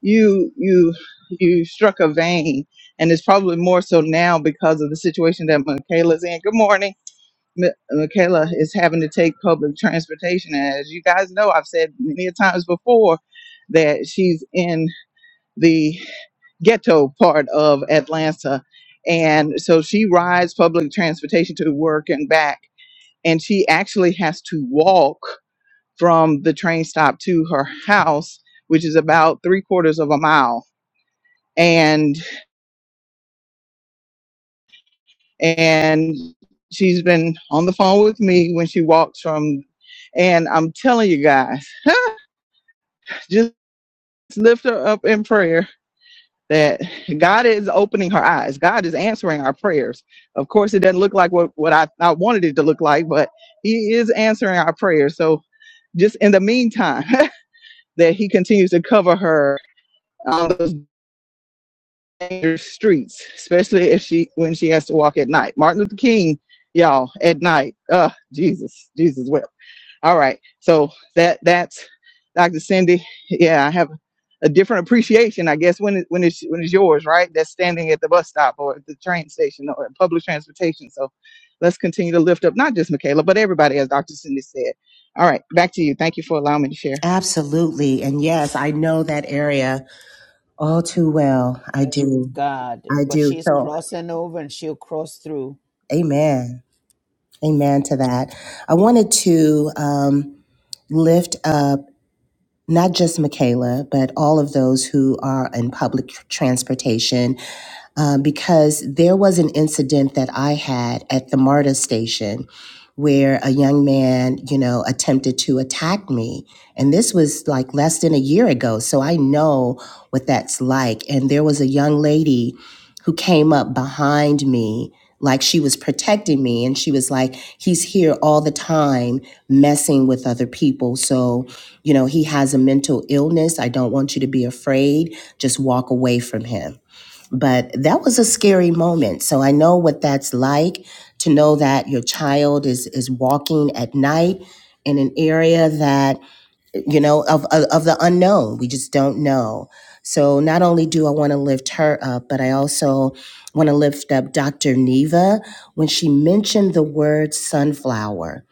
Speaker 1: you you you struck a vein, and it's probably more so now because of the situation that Michaela's in. Good morning. Mi- Michaela is having to take public transportation. And as you guys know, I've said many a times before that she's in the ghetto part of Atlanta. And so she rides public transportation to work and back. And she actually has to walk from the train stop to her house, which is about three quarters of a mile. And and she's been on the phone with me when she walks from and I'm telling you guys, just lift her up in prayer that God is opening her eyes. God is answering our prayers. Of course, it doesn't look like what, what I, I wanted it to look like, but He is answering our prayers. So just in the meantime, that He continues to cover her on those dangerous streets, especially if she when she has to walk at night. Martin Luther King, y'all, at night. Uh, Jesus, Jesus wept. All right, so that that's Dr. Cindy. Yeah, I have a different appreciation, I guess, when it, when it's when it's yours, right? That's standing at the bus stop or at the train station or at public transportation. So let's continue to lift up not just Michaela, but everybody, as Dr. Cindy said. All right, back to you. Thank you for allowing me to share.
Speaker 4: Absolutely. And yes, I know that area all too well. I do.
Speaker 5: God,
Speaker 4: I
Speaker 5: but
Speaker 4: do.
Speaker 5: she's
Speaker 4: So,
Speaker 5: crossing over and she'll cross through.
Speaker 4: amen. Amen to that. I wanted to, um, lift up not just Michaela, but all of those who are in public transportation uh, because there was an incident that I had at the MARTA station where a young man, you know, attempted to attack me. And this was like less than a year ago. So I know what that's like. And there was a young lady who came up behind me. Like she was protecting me, and she was like, He's here all the time messing with other people. So, you know, he has a mental illness. I don't want you to be afraid. Just walk away from him but that was a scary moment so i know what that's like to know that your child is is walking at night in an area that you know of, of of the unknown we just don't know so not only do i want to lift her up but i also want to lift up dr neva when she mentioned the word sunflower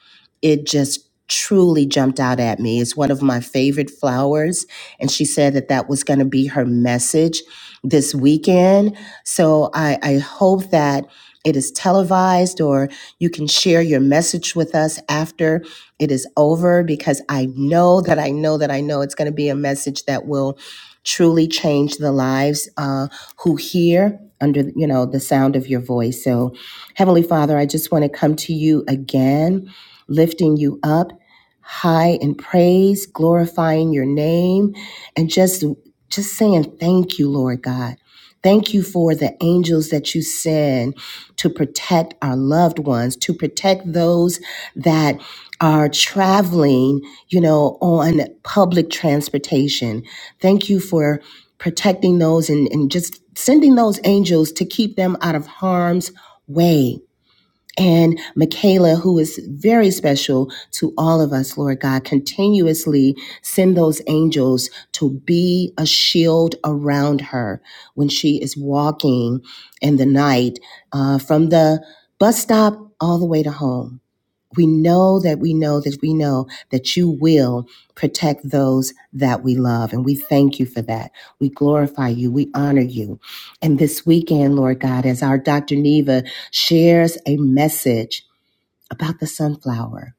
Speaker 4: it just truly jumped out at me it's one of my favorite flowers and she said that that was going to be her message this weekend so i i hope that it is televised or you can share your message with us after it is over because I know that I know that I know it's going to be a message that will truly change the lives uh, who hear under you know the sound of your voice. So, Heavenly Father, I just want to come to you again, lifting you up high in praise, glorifying your name, and just just saying thank you, Lord God. Thank you for the angels that you send to protect our loved ones, to protect those that are traveling, you know, on public transportation. Thank you for protecting those and, and just sending those angels to keep them out of harm's way. And Michaela, who is very special to all of us, Lord God, continuously send those angels to be a shield around her when she is walking in the night uh, from the bus stop all the way to home we know that we know that we know that you will protect those that we love. And we thank you for that. We glorify you. We honor you. And this weekend, Lord God, as our Dr. Neva shares a message about the sunflower,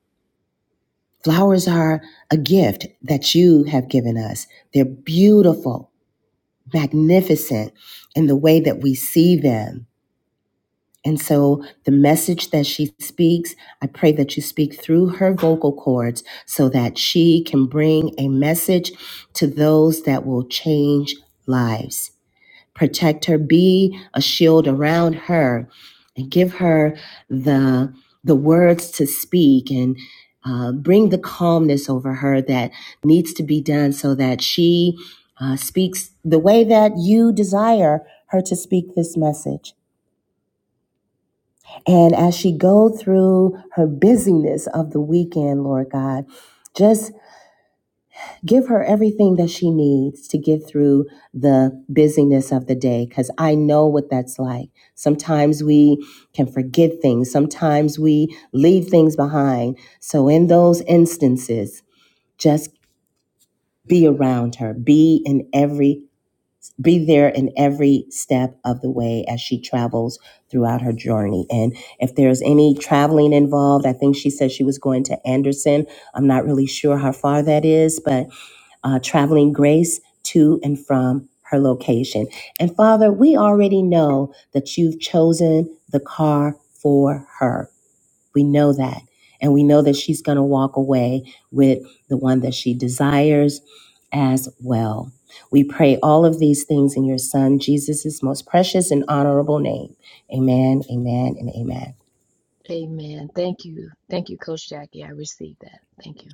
Speaker 4: flowers are a gift that you have given us. They're beautiful, magnificent in the way that we see them And so the message that she speaks, I pray that you speak through her vocal cords so that she can bring a message to those that will change lives. Protect her, be a shield around her, and give her the the words to speak and uh, bring the calmness over her that needs to be done so that she uh, speaks the way that you desire her to speak this message. And as she go through her busyness of the weekend, Lord God, just give her everything that she needs to get through the busyness of the day cuz I know what that's like. Sometimes we can forget things, sometimes we leave things behind. So in those instances, just be around her, be in every be there in every step of the way as she travels throughout her journey. And if there's any traveling involved, I think she said she was going to Anderson. I'm not really sure how far that is, but uh, traveling grace to and from her location. And Father, we already know that you've chosen the car for her. We know that. And we know that she's going to walk away with the one that she desires as well. We pray all of these things in your son, Jesus' most precious and honorable name. Amen, amen, and amen.
Speaker 9: Amen. Thank you. Thank you, Coach Jackie. I received that. Thank you.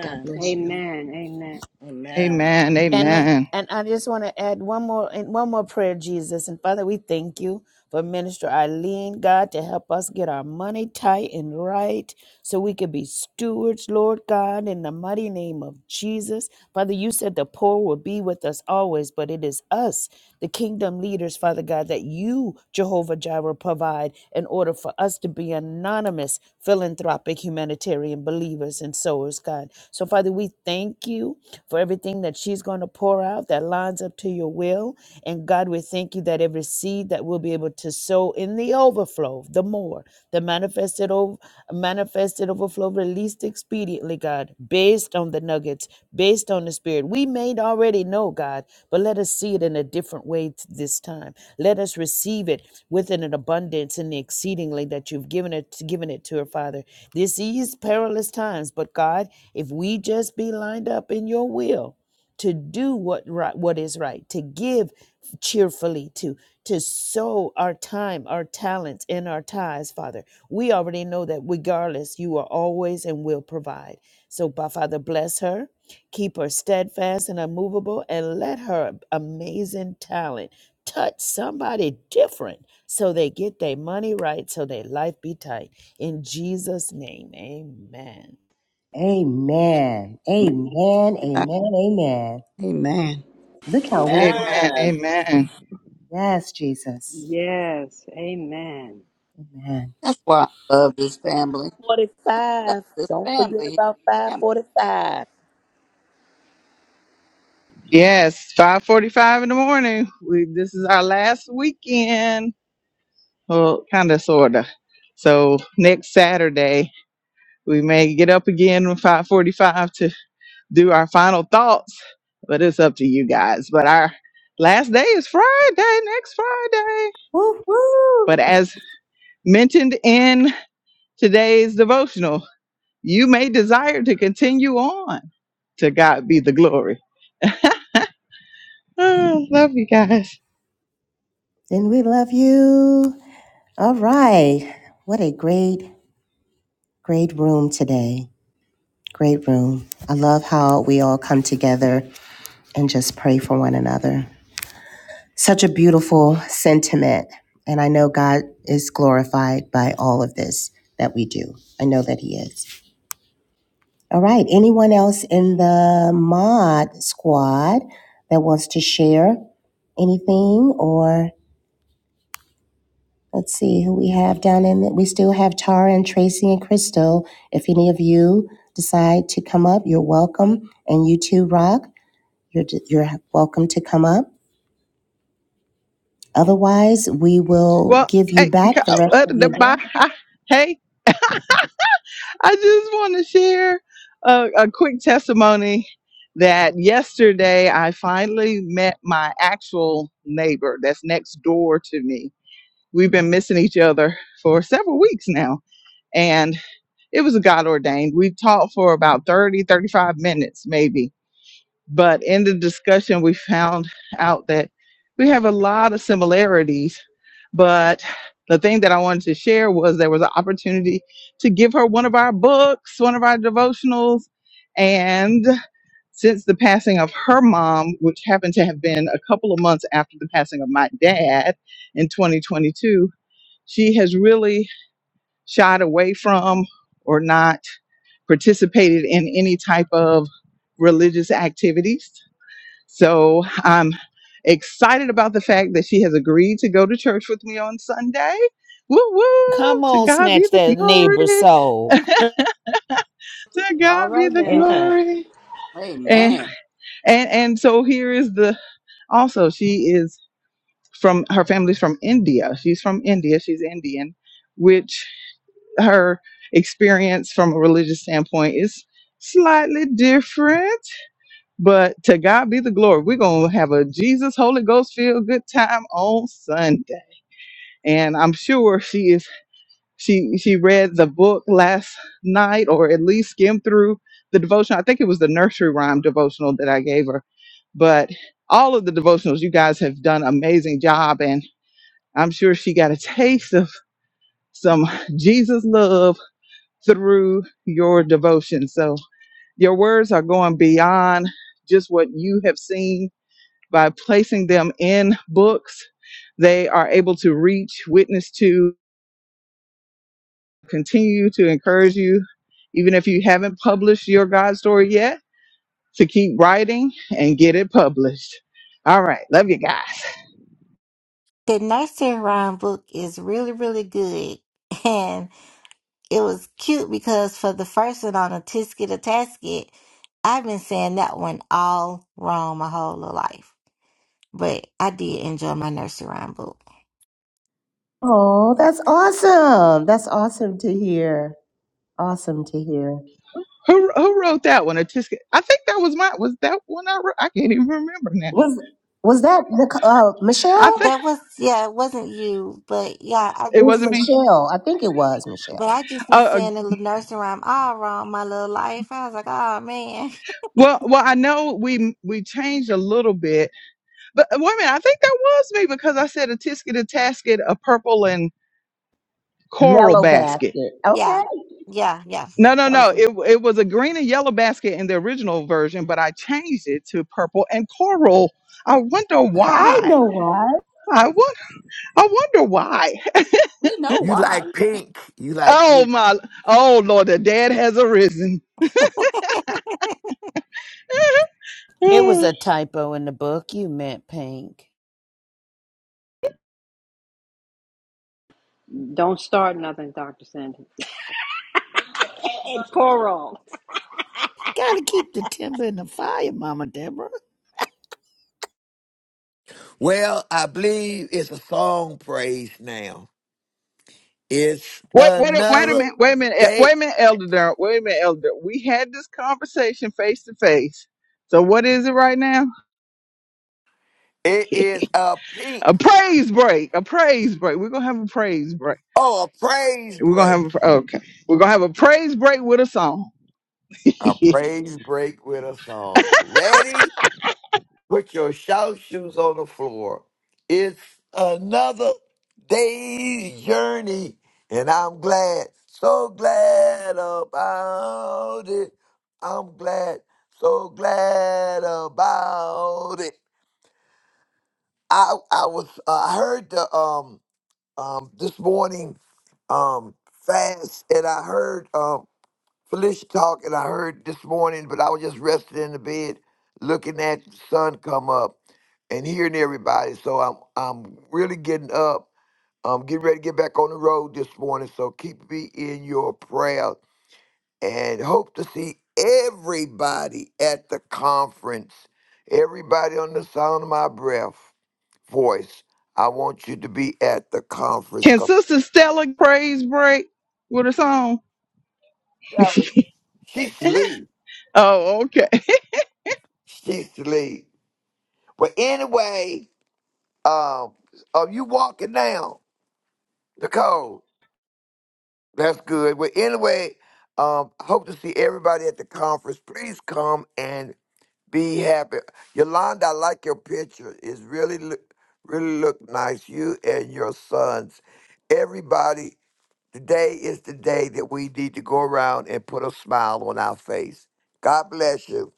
Speaker 9: God bless you.
Speaker 3: Amen. Amen.
Speaker 8: Amen.
Speaker 1: Amen.
Speaker 5: And I-
Speaker 1: Amen.
Speaker 5: and I just want to add one more and one more prayer, Jesus and Father, we thank you for Minister Eileen, God, to help us get our money tight and right, so we can be stewards, Lord God, in the mighty name of Jesus, Father. You said the poor will be with us always, but it is us the kingdom leaders, Father God, that you, Jehovah Jireh, provide in order for us to be anonymous, philanthropic, humanitarian believers and sowers, God. So, Father, we thank you for everything that she's going to pour out that lines up to your will. And God, we thank you that every seed that we'll be able to sow in the overflow, the more, the manifested manifested, over, manifested overflow, released expediently, God, based on the nuggets, based on the Spirit. We may already know, God, but let us see it in a different way t- this time. Let us receive it within an abundance and exceedingly that you've given it, given it to her, Father. This is perilous times, but God, if we just be lined up in your will, to do what right, what is right, to give cheerfully, to to sow our time, our talents, and our ties, Father. We already know that regardless, you are always and will provide. So, by Father, bless her, keep her steadfast and unmovable, and let her amazing talent touch somebody different so they get their money right, so their life be tight. In Jesus' name, amen.
Speaker 4: Amen,
Speaker 10: Man,
Speaker 4: amen,
Speaker 10: I-
Speaker 4: amen, amen.
Speaker 10: Amen.
Speaker 4: Look how we,
Speaker 1: Amen.
Speaker 8: Amen.
Speaker 1: Amen.
Speaker 4: yes, Jesus.
Speaker 3: Yes. Amen.
Speaker 4: Amen.
Speaker 10: That's why I love this family. Love
Speaker 8: 45.
Speaker 10: this
Speaker 8: Don't forget
Speaker 10: family.
Speaker 8: about
Speaker 10: Family.
Speaker 8: 545.
Speaker 1: Yes, 5:45 in the morning. We this is our last weekend. Well, kind of sorta. So next Saturday We may get up again at 545 to do our final thoughts, but it's up to you guys. But our last day is Friday, next Friday.
Speaker 4: Woo, woo.
Speaker 1: But as mentioned in today's devotional, you may desire to continue on. To God be the glory. Oh, love you guys.
Speaker 4: Then we love you. All right. What a great, great room today. Great room. I love how we all come together and just pray for one another. Such a beautiful sentiment. And I know God is glorified by all of this that we do. I know that He is. All right. Anyone else in the mod squad that wants to share anything? Or let's see who we have down in it. We still have Tara and Tracy and Crystal. If any of you decide to come up, you're welcome. And you too, Rock. You're, you're welcome to come up. Otherwise, we will
Speaker 1: Well,
Speaker 4: give you
Speaker 1: hey,
Speaker 4: back
Speaker 1: co-
Speaker 4: the rest
Speaker 1: uh,
Speaker 4: of
Speaker 1: the-
Speaker 4: your day.
Speaker 1: bye. Hey. I just want to share a, a quick testimony that yesterday I finally met my actual neighbor that's next door to me. We've been missing each other for several weeks now, and it was God ordained. We talked for about 30, 35 minutes, maybe but in the discussion, we found out that we have a lot of similarities. But the thing that I wanted to share was there was an opportunity to give her one of our books, one of our devotionals. And since the passing of her mom, which happened to have been a couple of months after the passing of my dad in 2022, she has really shied away from or not participated in any type of religious activities so I'm excited about the fact that she has agreed to go to church with me on Sunday. Woo woo!
Speaker 5: Come
Speaker 1: To
Speaker 5: on,
Speaker 1: God be
Speaker 5: snatch
Speaker 1: the
Speaker 5: that
Speaker 1: glory.
Speaker 5: neighbor's soul.
Speaker 1: to
Speaker 3: All
Speaker 1: God be
Speaker 3: right
Speaker 1: the
Speaker 3: now.
Speaker 1: glory. And
Speaker 10: Amen.
Speaker 1: and and so here is the also she is from her family's from India. She's from India. She's Indian, which her experience from a religious standpoint is slightly different But to God be the glory. We're going to have a Jesus Holy Ghost filled good time on Sunday. And I'm sure she is she she read the book last night or at least skimmed through the devotion. I think it was the nursery rhyme devotional that I gave her. But all of the devotionals you guys have done an amazing job and I'm sure she got a taste of some Jesus love through your devotion. So your words are going beyond just what you have seen by placing them in books, they are able to reach, witness to, continue to encourage you, even if you haven't published your God story yet, to keep writing and get it published. All right, love you guys.
Speaker 13: The nursery rhyme book is really, really good, it was cute because for the first one on a tisket a tasket, I've been saying that one all wrong my whole little life. But I did enjoy my nursery rhyme book.
Speaker 4: Oh, that's awesome. That's awesome to hear. Awesome to hear.
Speaker 1: Who who wrote that one? A Tisca- I think that was my was that one I wrote. I can't even remember now.
Speaker 13: Mm,
Speaker 4: Was was that Nic- uh,
Speaker 1: I
Speaker 4: Michelle?
Speaker 1: think
Speaker 13: That was yeah, it wasn't you, but yeah, I
Speaker 4: It
Speaker 1: it
Speaker 4: was
Speaker 1: wasn't
Speaker 13: just
Speaker 1: me.
Speaker 4: Michelle. I think it was
Speaker 13: but
Speaker 4: Michelle.
Speaker 13: I just
Speaker 1: Uh,
Speaker 13: been
Speaker 1: uh,
Speaker 13: saying the little nursery rhyme all wrong my little life. I was like, oh man.
Speaker 1: well, well, I know we we changed a little bit, but uh, wait a minute. I think that was me because I said a tisket, a tasket, a purple, and. coral
Speaker 4: Yellow
Speaker 1: basket.
Speaker 4: basket. Okay.
Speaker 13: Yeah. Yeah. Yeah.
Speaker 1: No, no,
Speaker 13: That
Speaker 1: no.
Speaker 13: was it.
Speaker 1: It, it was a green and yellow basket in the original version, but I changed it to purple and coral. I wonder
Speaker 4: I
Speaker 1: why.
Speaker 4: know why.
Speaker 1: I won- I wonder why.
Speaker 10: We know
Speaker 12: You
Speaker 10: why.
Speaker 12: like pink. You like
Speaker 1: Oh
Speaker 12: pink.
Speaker 1: my! Oh Lord, the dead has arisen.
Speaker 5: It was
Speaker 1: Hmm.
Speaker 5: a typo in the book. You meant pink.
Speaker 3: Don't start nothing, Dr. Sandy. And Coral.
Speaker 5: Gotta keep the timber in the fire, Mama Deborah.
Speaker 12: Well, I believe it's a song praise now. It's
Speaker 1: Wait, wait, a- wait a
Speaker 12: another
Speaker 1: minute. Wait a minute. eh,
Speaker 12: day.
Speaker 1: Wait a minute, Elder Durant. Wait a minute, Elder. Durant. We had this conversation face to face. So what is it right now?
Speaker 12: It is a pink.
Speaker 1: A praise break. A praise break. We're gonna have a praise break.
Speaker 12: Oh, a praise
Speaker 1: We're gonna
Speaker 12: break.
Speaker 1: have a, okay. We're gonna have a praise break with a song.
Speaker 12: A praise break with a song. Ready? Put your shout shoes on the floor. It's another day's journey, and I'm glad, so glad about it. I'm glad, so glad about it. I I was uh, I heard the um um this morning um fast, and I heard um. Felicia talk, and I heard this morning, but I was just resting in the bed, looking at the sun come up and hearing everybody. So I'm I'm really getting up. I'm getting ready to get back on the road this morning. So keep me in your prayer and hope to see everybody at the conference. Everybody on the sound of my breath voice. I want you to be at the conference.
Speaker 1: Can
Speaker 12: 'cause
Speaker 1: Sister Stella praise break with a song?
Speaker 12: She sleep.
Speaker 1: Oh, okay.
Speaker 12: She sleep. But anyway. Um, are you walking down the code? That's good. Well, anyway, um, I hope to see everybody at the conference. Please come and be happy. Yolanda, I like your picture. It's really, look, really look nice. You and your sons. Everybody, today is the day that we need to go around and put a smile on our face. God bless you.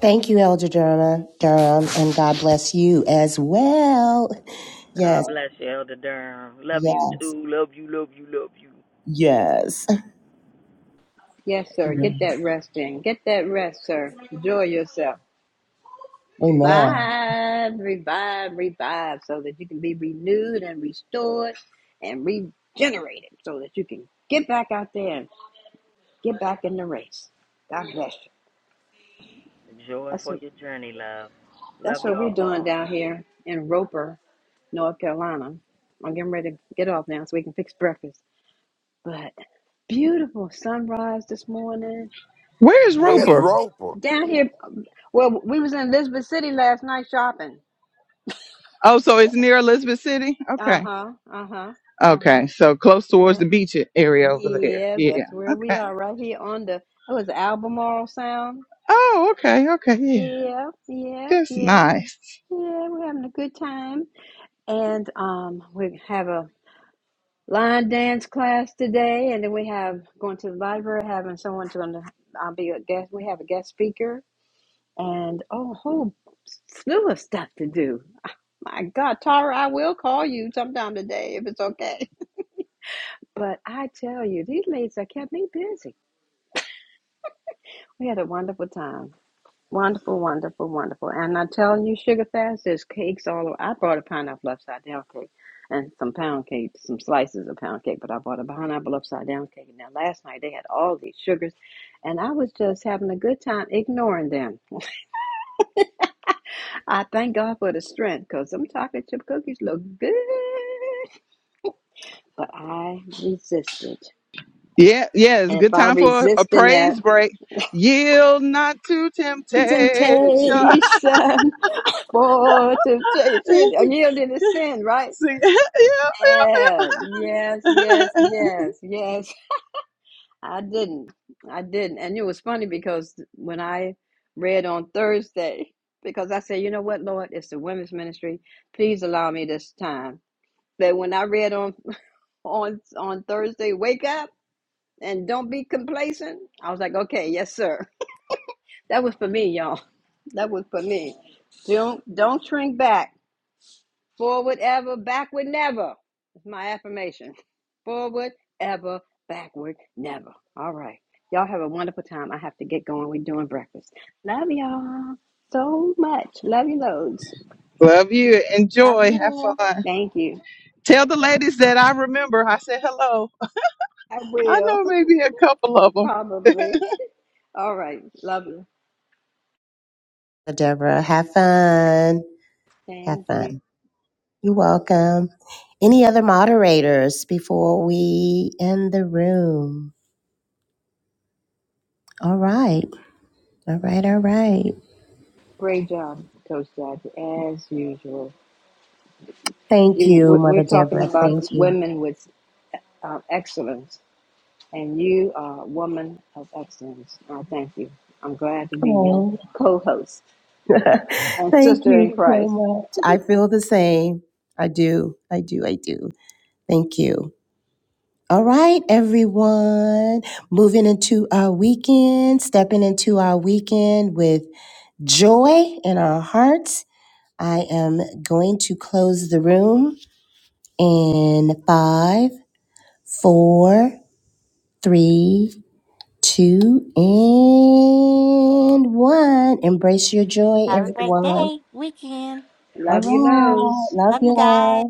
Speaker 4: Thank you, Elder Durham, Durham, and God bless you as well. Yes,
Speaker 8: God bless you, Elder Durham. Love you
Speaker 4: yes,
Speaker 8: too. Love you, love you, love you.
Speaker 4: yes.
Speaker 3: Yes, sir. Get that rest in. Get that rest, sir. Enjoy yourself.
Speaker 4: Amen.
Speaker 3: Revive, revive, revive so that you can be renewed and restored and regenerated so that you can get back out there and get back in the race. God bless you.
Speaker 8: Joy
Speaker 3: That's
Speaker 8: for
Speaker 3: what,
Speaker 8: your journey, love.
Speaker 3: that's
Speaker 8: Love
Speaker 3: what we're
Speaker 8: y'all
Speaker 3: doing
Speaker 8: all.
Speaker 3: down here in Roper, North Carolina. I'm getting ready to get off now so we can fix breakfast. But beautiful sunrise this morning.
Speaker 1: Where is
Speaker 3: and we.
Speaker 12: Where's
Speaker 1: Roper?
Speaker 12: Roper?
Speaker 3: Down here, well, we was in Elizabeth City last night shopping.
Speaker 1: Oh, so it's near Elizabeth City?
Speaker 3: Uh
Speaker 1: Okay.
Speaker 3: huh. Uh huh. Uh huh.
Speaker 1: Okay. So close towards
Speaker 3: Yeah.
Speaker 1: the beach area over there.
Speaker 3: Yeah.
Speaker 1: Yeah.
Speaker 3: That's where we
Speaker 1: Okay.
Speaker 3: are, right here on the. It was Albemarle Sound.
Speaker 1: Oh, okay. Okay. Yeah.
Speaker 3: Yeah. Yeah.
Speaker 1: That's
Speaker 3: Yeah.
Speaker 1: nice.
Speaker 3: Yeah. We're having a good time, and um, we have a line dance class today, and then we have going to the library, having someone to. I'll be a guest. We have a guest speaker, and a whole slew of stuff to do. My God, Tara, I will call you sometime today if it's okay. But I tell you, these ladies have kept me busy. We had a wonderful time. Wonderful, wonderful, wonderful. And I'm telling you, Sugar Fast, there's cakes all over. I brought a pineapple upside down cake and some pound cake, some slices of pound cake, but I bought a pineapple upside down cake. Now, last night they had all these sugars, and I was just having a good time ignoring them. I thank God for the strength because them chocolate chip cookies look good. But I resisted.
Speaker 1: Yeah. Yeah. It's a
Speaker 3: And if
Speaker 1: good
Speaker 3: I
Speaker 1: time for a
Speaker 3: resist in that
Speaker 1: praise break. Yield not to temptation.
Speaker 3: temptation for temptation, I yielded to sin, right?
Speaker 1: See, yeah, yeah,
Speaker 3: Yeah, yes, yes,
Speaker 1: yeah.
Speaker 3: yes, yes. I didn't. I didn't. And it was funny because when I read on Thursday, because I said, you know what, Lord, it's the women's ministry. Please allow me this time. But when I read on on on Thursday, wake up and don't be complacent. I was like, okay, yes, sir. That was for me, y'all. That was for me. Don't don't shrink back. Forward ever, backward never. It's my affirmation. Forward ever, backward never. All right. Y'all have a wonderful time. I have to get going. We're doing breakfast. Love y'all so much. Love you loads.
Speaker 1: Love you.
Speaker 13: Love
Speaker 1: Enjoy. Have
Speaker 13: you.
Speaker 1: fun.
Speaker 3: Thank you.
Speaker 1: Tell the ladies that I remember. I said hello.
Speaker 3: I
Speaker 1: I
Speaker 3: will,
Speaker 1: know maybe a couple of them.
Speaker 3: probably. All right. Love you.
Speaker 4: Deborah, have fun. Have
Speaker 3: Thank you.
Speaker 4: fun. You're welcome. Any other moderators before we end the room? All right. All right. All right.
Speaker 3: Great job, Coach Jackie, as usual.
Speaker 4: Thank
Speaker 3: You,
Speaker 4: you,
Speaker 3: we- we're
Speaker 4: Mother
Speaker 3: talking
Speaker 4: Deborah.
Speaker 3: about
Speaker 4: Thank
Speaker 3: this
Speaker 4: you.
Speaker 3: women with uh, excellence, and you are a woman of excellence. I thank you. I'm glad to be your
Speaker 4: Oh,
Speaker 3: co-host and
Speaker 4: thank
Speaker 3: sister in
Speaker 4: you so
Speaker 3: Christ.
Speaker 4: much. I feel the same. I do. I do. I do. Thank you. All right, everyone. Moving into our weekend, stepping into our weekend with joy in our hearts. I am going to close the room. And five, four, three, two, and one. Embrace your joy,
Speaker 13: Have a great
Speaker 4: everyone.
Speaker 13: day, weekend.
Speaker 4: All
Speaker 3: Love you,
Speaker 4: right.
Speaker 3: nose.
Speaker 4: Love
Speaker 13: Love you guys.
Speaker 4: y'all.